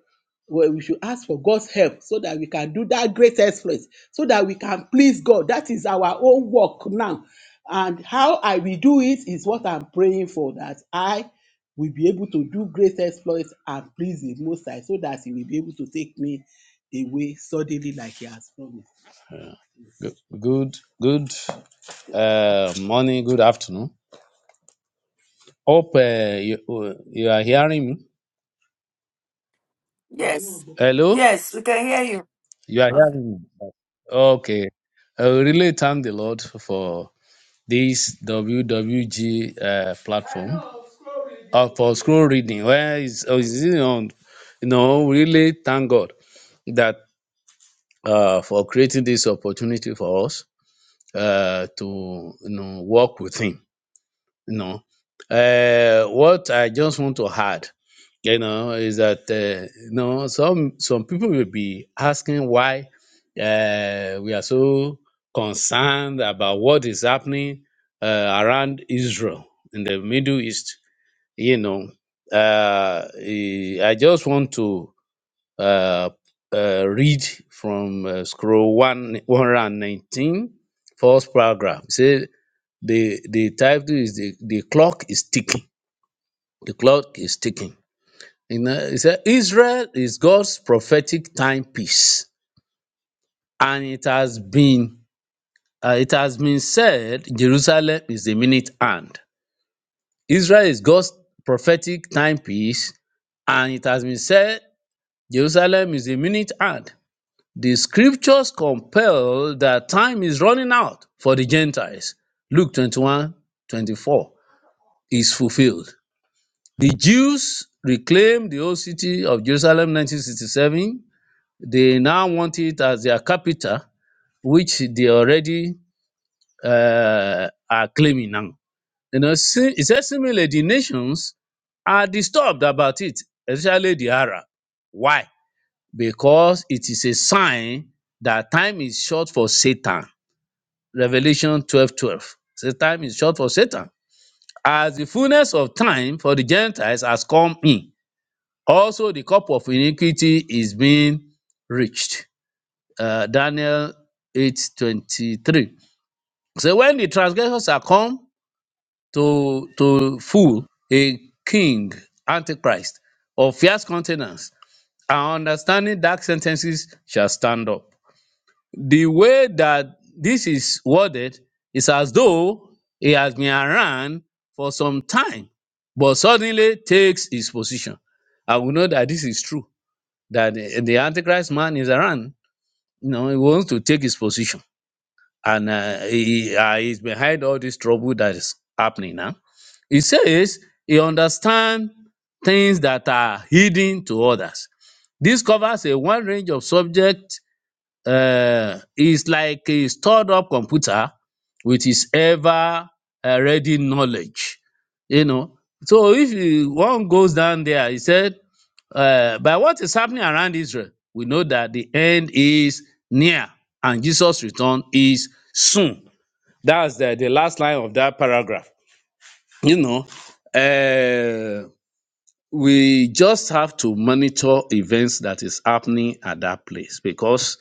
Speaker 5: Well, we should ask for God's help so that we can do that great exploit, so that we can please God. That is our own work now. And how I will do it is what I'm praying for that I will be able to do great exploits and please the Most High so that He will be able to take me away suddenly like He has promised. Good, good, good uh, morning, good afternoon. Hope uh, you, uh, you are hearing me.
Speaker 1: Yes.
Speaker 5: Hello,
Speaker 1: Yes, we can hear you.
Speaker 5: you are
Speaker 1: Okay.
Speaker 5: hearing me. Okay, I will really thank the Lord for this WWG uh, platform uh, for scroll reading. Where is oh, is it on? You know, really thank God that uh, for creating this opportunity for us uh, to you know work with Him No. Uh, what I just want to add, you know, is that uh, you know some some people will be asking why uh, we are so concerned about what is happening uh, around Israel in the Middle East. You know, uh, eh, I just want to uh, uh, read from uh, scroll one one hundred and nineteen, first paragraph. Say. The the title is the, the clock is ticking. The clock is ticking. You know, it said Israel is God's prophetic timepiece, and it has been uh, it has been said Jerusalem is the minute hand. Israel is God's prophetic timepiece, and it has been said Jerusalem is the minute hand. The scriptures compel that time is running out for the Gentiles. Luke 21 24 is fulfilled. The Jews reclaimed the old city of Jerusalem 1967. They now want it as their capital, which they already uh, are claiming now. You know, si- it says similarly, the nations are disturbed about it, especially the Arab. Why? Because it is a sign that time is short for Satan. Revelation 12:12 12. So time is short for Satan. As the fullness of time for the Gentiles has come in. Also, the cup of iniquity is being reached. Uh, Daniel 8:23. So when the transgressors are come to to full a king, antichrist, of fierce countenance, and understanding dark sentences shall stand up. The way that this is worded is as though he has been around for some time, but suddenly takes his position. And we know that this is true that uh, the Antichrist man is around. You know, he wants to take his position, and uh, he uh, he's behind all this trouble that is happening now. He says he understands things that are hidden to others. This covers a wide range of subjects um is like a stored up computer with his ever um ready knowledge. You know, so if you one goes down there, he said, um by what is happening around Israel, we know that the end is near and Jesus' return is soon. That's the, the last line of that paragraph. You know, uh, we just have to monitor events that is happening at that place because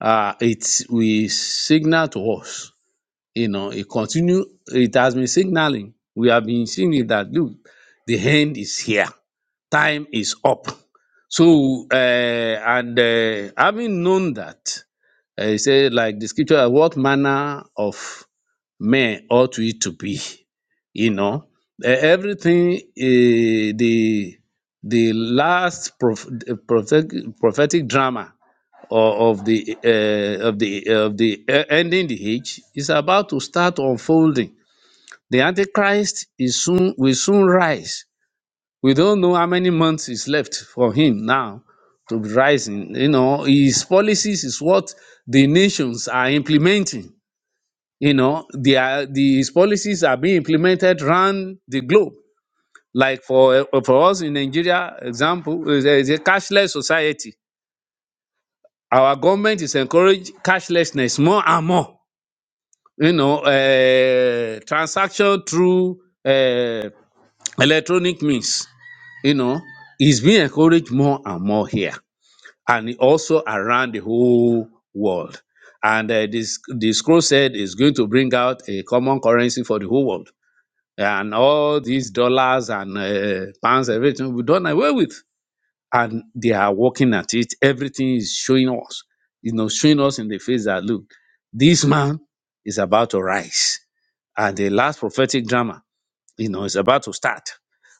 Speaker 5: uh, it will signal to us, you know, it continue, it has been signaling. We have been seeing it that look, the hand is here, time is up. So, uh, and uh, having known that, uh, he said, like the scripture, what manner of men ought we to be. You know, E- everything eh, the the last prof, prophetic, prophetic drama o- of the uh, of the of the eh, ending the age is about to start unfolding. The Antichrist is soon will soon rise. We don't know how many months is left for him now to be rising. You know, his policies is what the nations are implementing you know the uh, these policies are being implemented around the globe like for uh, for us in nigeria example is a, is a cashless society our government is encouraging cashlessness more and more you know uh, transaction through uh, electronic means you know is being encouraged more and more here and also around the whole world and uh, this the scroll said is going to bring out a common currency for the whole world and all these dollars and uh, pounds, everything we done away with. And they are working at it. Everything is showing us, you know, showing us in the face that look, this man is about to rise. And the last prophetic drama, you know, is about to start.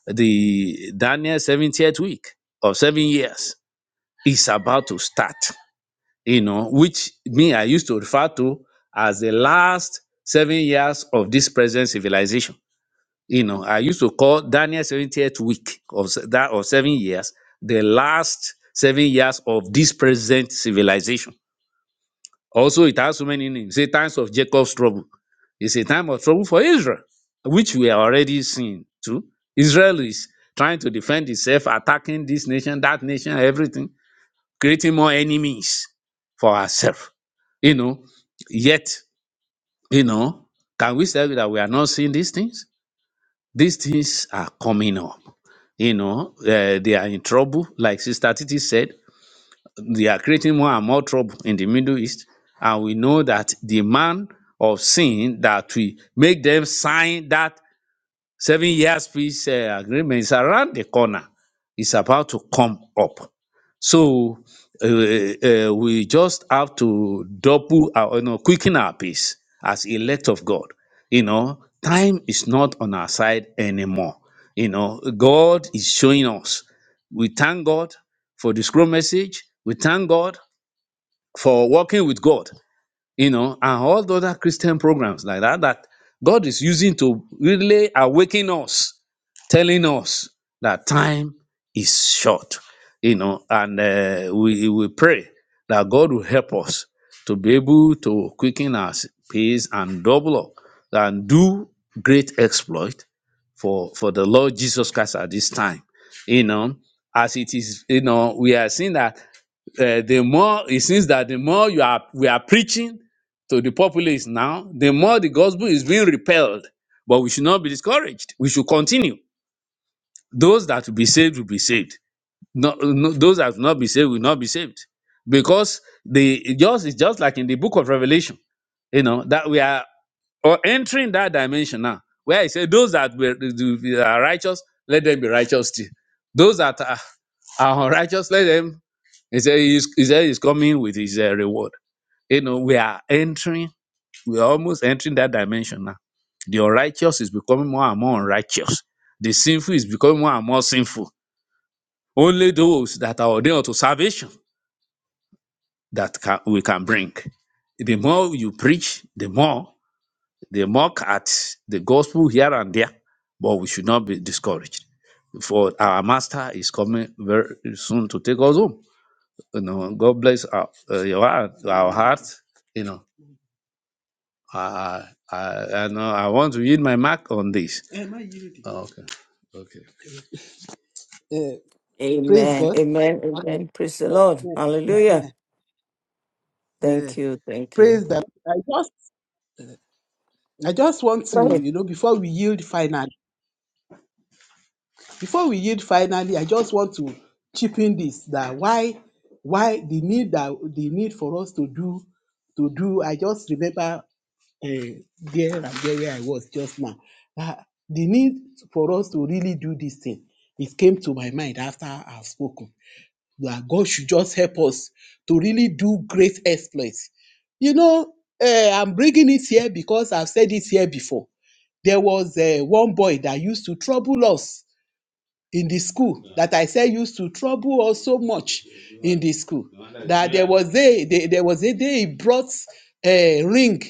Speaker 5: The Daniel 70th week of seven years is about to start, you know, which me I used to refer to as the last seven years of this present civilization you know, I used to call Daniel 70th week of se- that of seven years the last seven years of this present civilization. Also, it has so many names. Say times of Jacob's trouble. It's a time of trouble for Israel, which we are already seeing too. Israel is trying to defend itself, attacking this nation, that nation, everything, creating more enemies for ourselves. You know, yet, you know, can we say that we are not seeing these things? These things are coming up you know, uh, they are in trouble. Like Sister Titi said, they are creating more and more trouble in the Middle East. And we know that the man of sin that will make them sign that Seven years peace uh, agreement is around the corner. It's about to come up. So uh, uh, uh, we just have to double our, you know, quicken our pace as elect of God. You know, time is not on our side anymore. You know, God is showing us. We thank God for the scroll message. We thank God for working with God you know, and all the other Christian programs like that that God is using to really awaken us, telling us that time is short, you know, and uh, we we pray that God will help us to be able to quicken our s- pace and double up and do great exploit for for the Lord Jesus Christ at this time, you know. As it is, you know, we are seeing that uh, the more it seems that the more you are we are preaching to the populace now, the more the gospel is being repelled. But we should not be discouraged. We should continue. Those that will be saved will be saved. No, no, those that will not be saved will not be saved, because the it just it's just like in the book of Revelation, you know that we are or entering that dimension now, where he said, "Those that were, that are righteous, let them be righteous still. Those that are our righteous, let them. He said he's, he said he's coming with his uh, reward. You know, we are entering, we are almost entering that dimension now. The unrighteous is becoming more and more unrighteous. The sinful is becoming more and more sinful. Only those that are ordained to salvation that can, we can bring. The more you preach, the more they mock at the gospel here and there. But we should not be discouraged. For our master is coming very soon to take us home. You know, God bless our, uh, your heart, our hearts. You know, I, I, I know I want to yield my mark on this. Eh, ma yield it. Oh, okay, okay. Uh, praise
Speaker 1: Amen.
Speaker 5: God.
Speaker 1: Amen.
Speaker 5: Uh,
Speaker 1: Amen. Praise the Lord.
Speaker 5: uh,
Speaker 1: Hallelujah.
Speaker 5: uh,
Speaker 1: Thank you. Thank you.
Speaker 5: praise God. I just I just want to, you know, before we yield finally, before we yield finally, I just want to chip in this that why why the need that the need for us to do to do. I just remember eh, there and there where I was just now. Ah, the need for us to really do this thing, it came to my mind after I've spoken. That God should just help us to really do great exploits. You know, eh, I'm bringing it here because I've said it here before. There was eh, one boy that used to trouble us in the school that I said used to trouble us so much in the school that there was a, there there was a day he brought a ring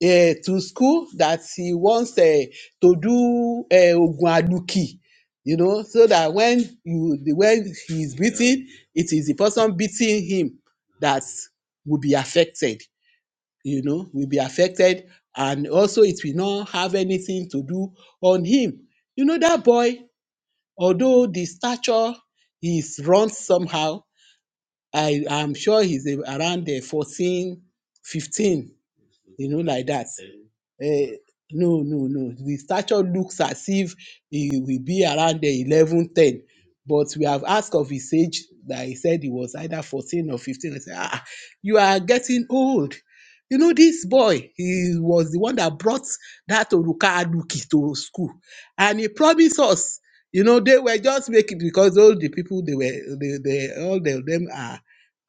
Speaker 5: eh, to school that he wants eh, to do eh, Ogun Aduki, you know, so that when you the when he is beaten, it is the person beating him that will be affected, you know, will be affected, and also it will not have anything to do on him. You know, that boy, although the stature is run somehow, I am sure he's a- around the 14, 15, you know, like that. Eh, no, no, no. The stature looks as if he will be around the 11, 10. But we have asked of his age that he said he was either 14 or 15. I said, ah, you are getting old. You know, this boy, he was the one that brought that Oruka Aduki to school. And he promised us, you know, they were just making, because all the people, they were, they, they all of them are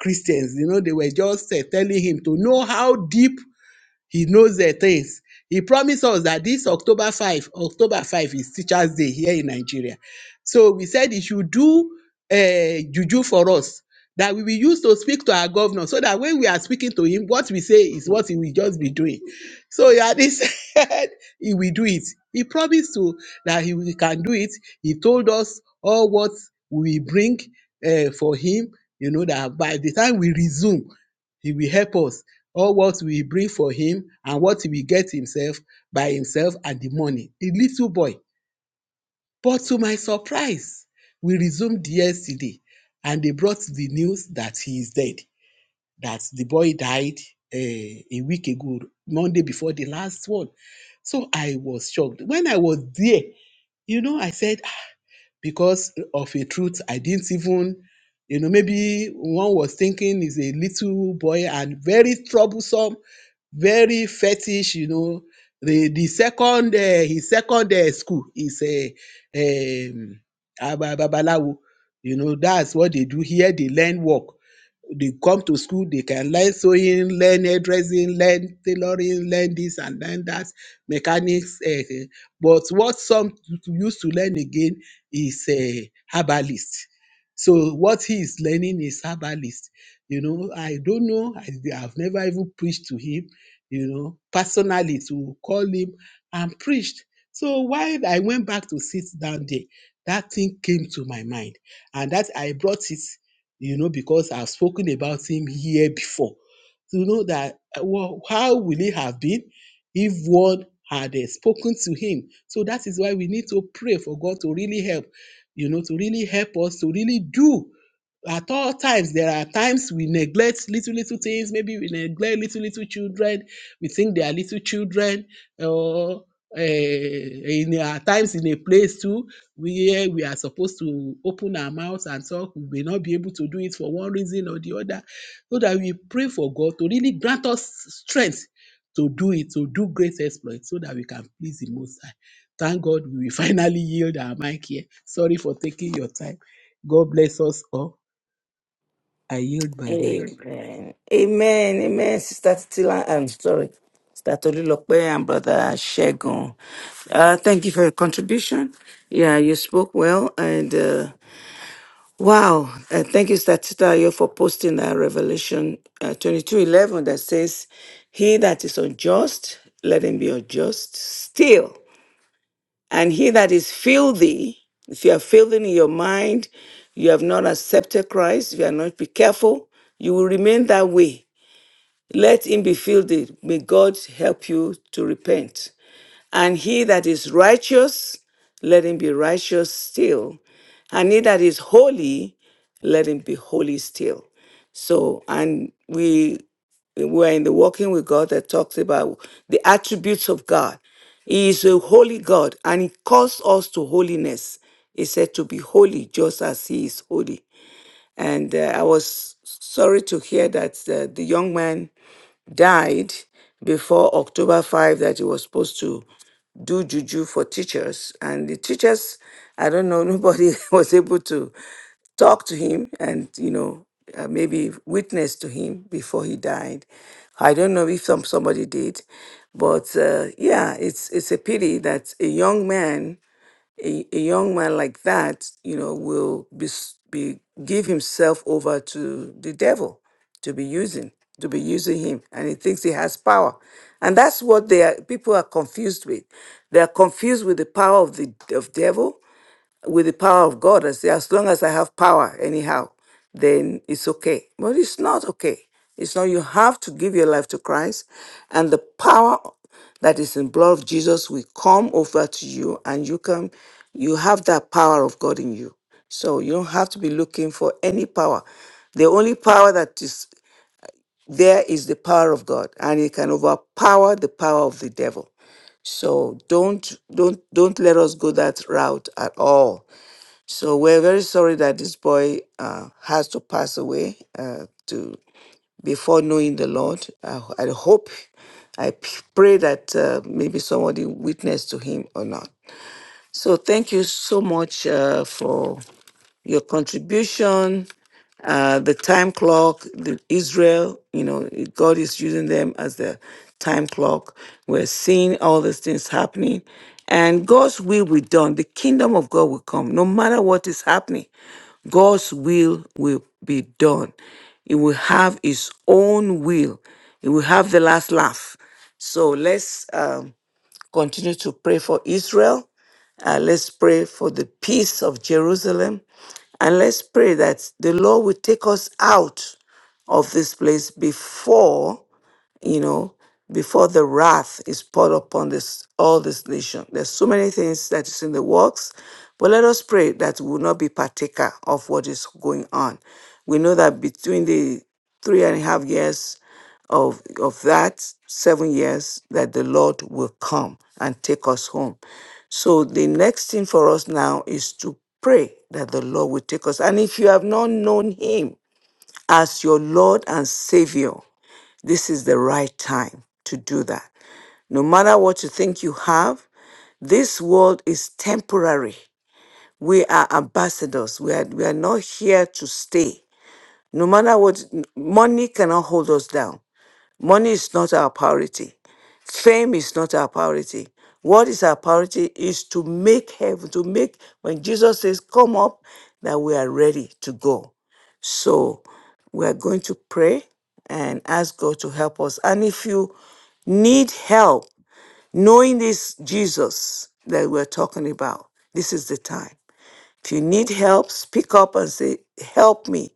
Speaker 5: Christians. You know, they were just eh, telling him to know how deep he knows the things. He promised us that this October 5, October 5 is Teachers Day here in Nigeria. So we said he should do uh, juju for us that we will use to speak to our governor so that when we are speaking to him, what we say is what he will just be doing. So he already said he will do it. He promised to that he will- can do it. He told us all what we bring uh, for him, you know, that by the time we resume, he will help us or what will bring for him and what he will get himself by himself and the money, A little boy. But to my surprise, we resumed yesterday and they brought the news that he is dead, that the boy died eh, a week ago, Monday before the last one. So I was shocked. When I was there, you know, I said, "Ah," because of a truth, I didn't even, you know, maybe one was thinking he's a little boy and very troublesome very fetish, you know. The the second uh, his second uh, school is a um, Aba- Babalawo. You know, that's what they do here. They learn work they come to school, they can learn sewing, learn hairdressing, learn tailoring, learn this and learn that, mechanics. eh, eh. But what some used to learn again is a herbalist. So what he is learning is herbalist. You know, I don't know. I, have never even preached to him. You know, personally to call him and preached. So while I went back to sit down there, that thing came to my mind, and that I brought it you know, because I've spoken about him here before. To know that uh, well, how will it have been if one had uh, spoken to him? So that is why we need to pray for God to really help, you know, to really help us to really do. At all times, there are times we neglect little little things. Maybe we neglect little little children. We think they are little children, or uh, in at times in a place too where we are supposed to open our mouths and talk, we may not be able to do it for one reason or the other. So that we pray for God to really grant us strength to do it, to do great exploits, so that we can please the Most High. Thank God we finally yield our mic here. Sorry for taking your time. God bless us all. I yield my mic.
Speaker 1: Amen. Amen. Amen. Sister Tila, I'm sorry. Sister Tolilope and Brother Shegun. Uh, thank you for your contribution. Yeah, you spoke well. And uh, wow. Uh, thank you, Sister Tita, for posting that Revelation uh, 22 eleven that says, He that is unjust, let him be unjust still. And he that is filthy, if you are filthy in your mind, you have not accepted Christ, if you are not, be careful, you will remain that way let him be filled. May God help you to repent. And he that is righteous, let him be righteous still. And he that is holy, let him be holy still. So, and we we're in the walking with God that talks about the attributes of God. He is a holy God and he calls us to holiness. He said to be holy just as he is holy. And uh, I was sorry to hear that uh, the young man died before October 5 that he was supposed to do juju for teachers. And the teachers, I don't know, nobody was able to talk to him and, you know, uh, maybe witness to him before he died. I don't know if some, somebody did, but uh, yeah, it's it's a pity that a young man a, a young man like that, you know, will be, s- be give himself over to the devil to be using to be using him, and he thinks he has power, and that's what they are. People are confused with. They are confused with the power of the of devil, with the power of God. I say, as long as I have power, anyhow, then it's okay. But it's not okay. It's not, you have to give your life to Christ, and the power that is in blood of Jesus will come over to you, and you can, you have that power of God in you. So you don't have to be looking for any power. The only power that is there is the power of God, and it can overpower the power of the devil. So don't don't don't let us go that route at all. So we're very sorry that this boy uh, has to pass away uh, to before knowing the Lord. I, I hope, I p- pray that uh, maybe somebody witnessed to him or not. So thank you so much uh, for your contribution uh, the time clock, the Israel, you know, God is using them as the time clock. We're seeing all these things happening. And God's will will be done. The kingdom of God will come. No matter what is happening, God's will will be done. He will have his own will. He will have the last laugh. So let's um, continue to pray for Israel. Uh, let's pray for the peace of Jerusalem. And let's pray that the Lord will take us out of this place before you know, before the wrath is poured upon this all this nation. There's so many things that is in the works, but let us pray that we will not be partaker of what is going on. We know that between the three and a half years of of that seven years, that the Lord will come and take us home. So the next thing for us now is to pray that the Lord will take us. And if you have not known Him as your Lord and Savior, this is the right time to do that. No matter what you think you have, this world is temporary. We are ambassadors. We are, we are not here to stay. No matter what, money cannot hold us down. Money is not our priority. Fame is not our priority. What is our priority is to make heaven, to make, when Jesus says, come up, that we are ready to go. So we're going to pray and ask God to help us. And if you need help knowing this Jesus that we're talking about, this is the time. If you need help, speak up and say, Help me.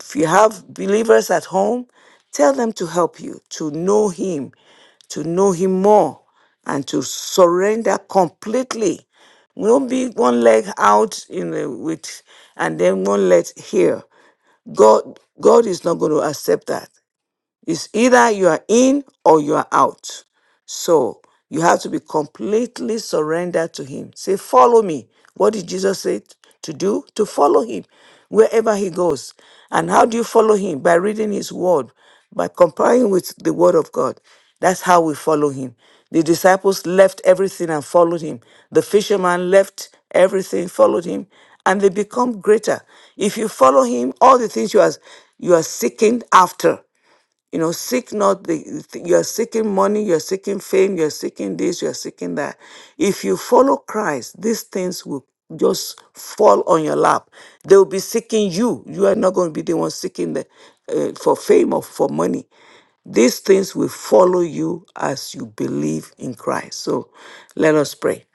Speaker 1: If you have believers at home, tell them to help you to know Him, to know Him more, and to surrender completely. Don't be one leg out in the, with, and then one leg here. God, God is not going to accept that. It's either you are in or you are out. So you have to be completely surrendered to Him. Say, Follow me. What did Jesus say t- to do? To follow Him wherever He goes. And how do you follow Him? By reading His Word, by complying with the Word of God. That's how we follow Him. The disciples left everything and followed Him. The fisherman left everything, followed Him, and they become greater. If you follow Him, all the things you are, you are seeking after you know, seek not the, you're seeking money, you're seeking fame, you're seeking this, you're seeking that. If you follow Christ, these things will just fall on your lap. They will be seeking you. You are not going to be the one seeking the, uh, for fame or for money. These things will follow you as you believe in Christ. So let us pray.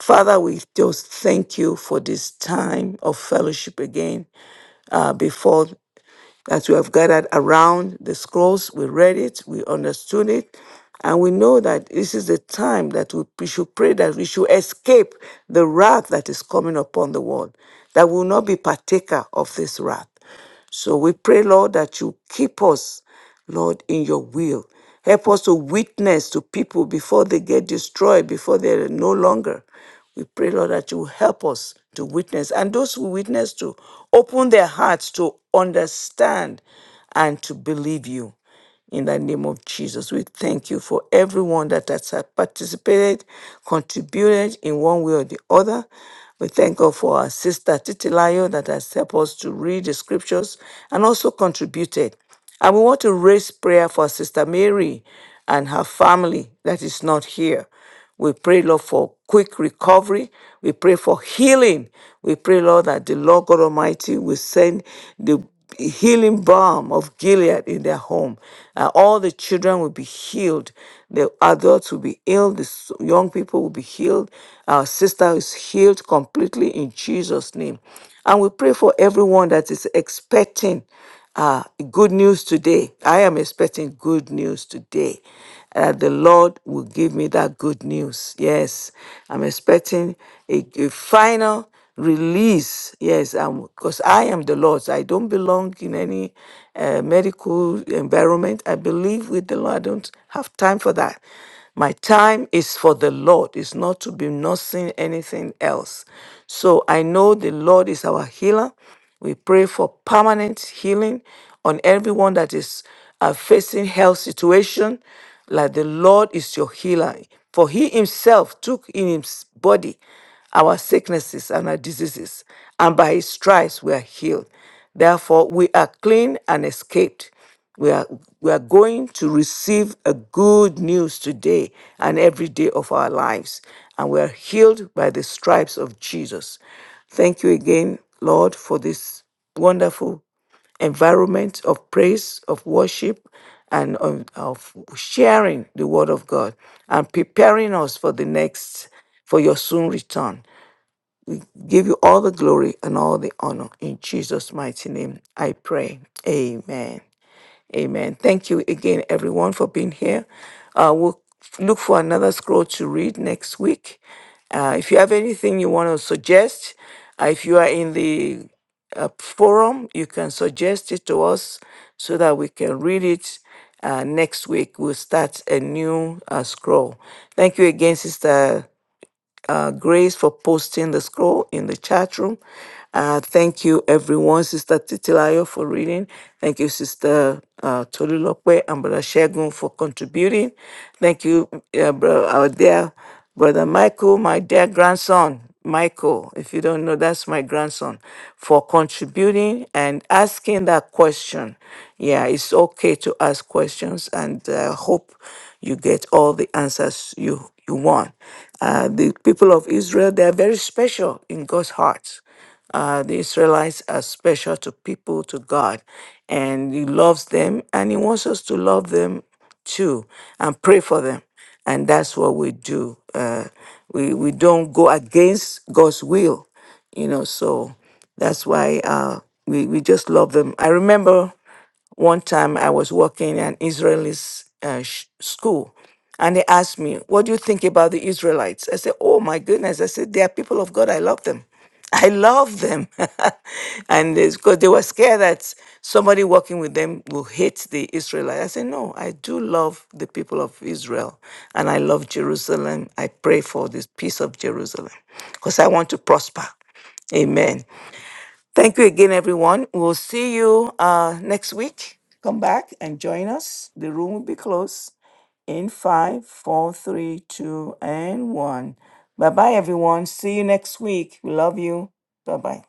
Speaker 1: Father, we just thank you for this time of fellowship again uh, before that we have gathered around the scrolls. We read it, we understood it, and we know that this is the time that we we should pray that we should escape the wrath that is coming upon the world, that we will not be partaker of this wrath. So we pray, Lord, that you keep us, Lord, in your will. Help us to witness to people before they get destroyed, before they're no longer. We pray, Lord, that you help us to witness and those who witness to open their hearts to understand and to believe you. In the name of Jesus, we thank you for everyone that has participated, contributed in one way or the other. We thank God for our sister Titilayo that has helped us to read the scriptures and also contributed. And we want to raise prayer for Sister Mary and her family that is not here. We pray, Lord, for quick recovery. We pray for healing. We pray, Lord, that the Lord God Almighty will send the healing balm of Gilead in their home. And all the children will be healed. The adults will be healed. The s- young people will be healed. Our sister is healed completely in Jesus' name. And we pray for everyone that is expecting. Uh, good news today. I am expecting good news today. Uh, the Lord will give me that good news. Yes, I'm expecting a, a final release. Yes, because I am the Lord's. I don't belong in any uh, medical environment. I believe with the Lord. I don't have time for that. My time is for the Lord. It's not to be nursing anything else. So I know the Lord is our healer. We pray for permanent healing on everyone that is uh, facing health situation. Like the Lord is your healer, for He Himself took in His body our sicknesses and our diseases, and by His stripes we are healed. Therefore, we are clean and escaped. We are, we are going to receive a good news today and every day of our lives, and we are healed by the stripes of Jesus. Thank you again, Lord, for this wonderful environment of praise, of worship, and of, of sharing the word of God and preparing us for the next, for your soon return. Give you all the glory and all the honor. In Jesus' mighty name, I pray. Amen. Amen. Thank you again, everyone, for being here. Uh, we'll look for another scroll to read next week. Uh, if you have anything you want to suggest, uh, if you are in the uh, forum, you can suggest it to us so that we can read it uh, next week. We'll start a new uh, scroll. Thank you again, Sister uh, Grace for posting the scroll in the chat room. Uh, thank you, everyone. Sister Titilayo for reading. Thank you, Sister uh, Tolu Lokwe and Brother Shegun for contributing. Thank you, uh, bro, our dear Brother Michael, my dear grandson. Michael, if you don't know, that's my grandson, for contributing and asking that question. Yeah, it's okay to ask questions, and I hope you get all the answers you you want. Uh, the people of Israel, they are very special in God's heart. Uh, the Israelites are special to people, to God, and He loves them, and He wants us to love them too and pray for them. And that's what we do. Uh, we, we don't go against God's will, you know, so that's why uh, we, we just love them. I remember. One time I was working in an Israeli s- uh, sh- school and they asked me, What do you think about the Israelites? I said, Oh my goodness. I said, They are people of God. I love them. I love them. and it's because they were scared that somebody working with them will hate the Israelites. I said, No, I do love the people of Israel and I love Jerusalem. I pray for this peace of Jerusalem because I want to prosper. Amen. Thank you again, everyone. We'll see you uh, next week. Come back and join us. The room will be closed in five, four, three, two, and one. Bye bye, everyone. See you next week. We love you. Bye bye.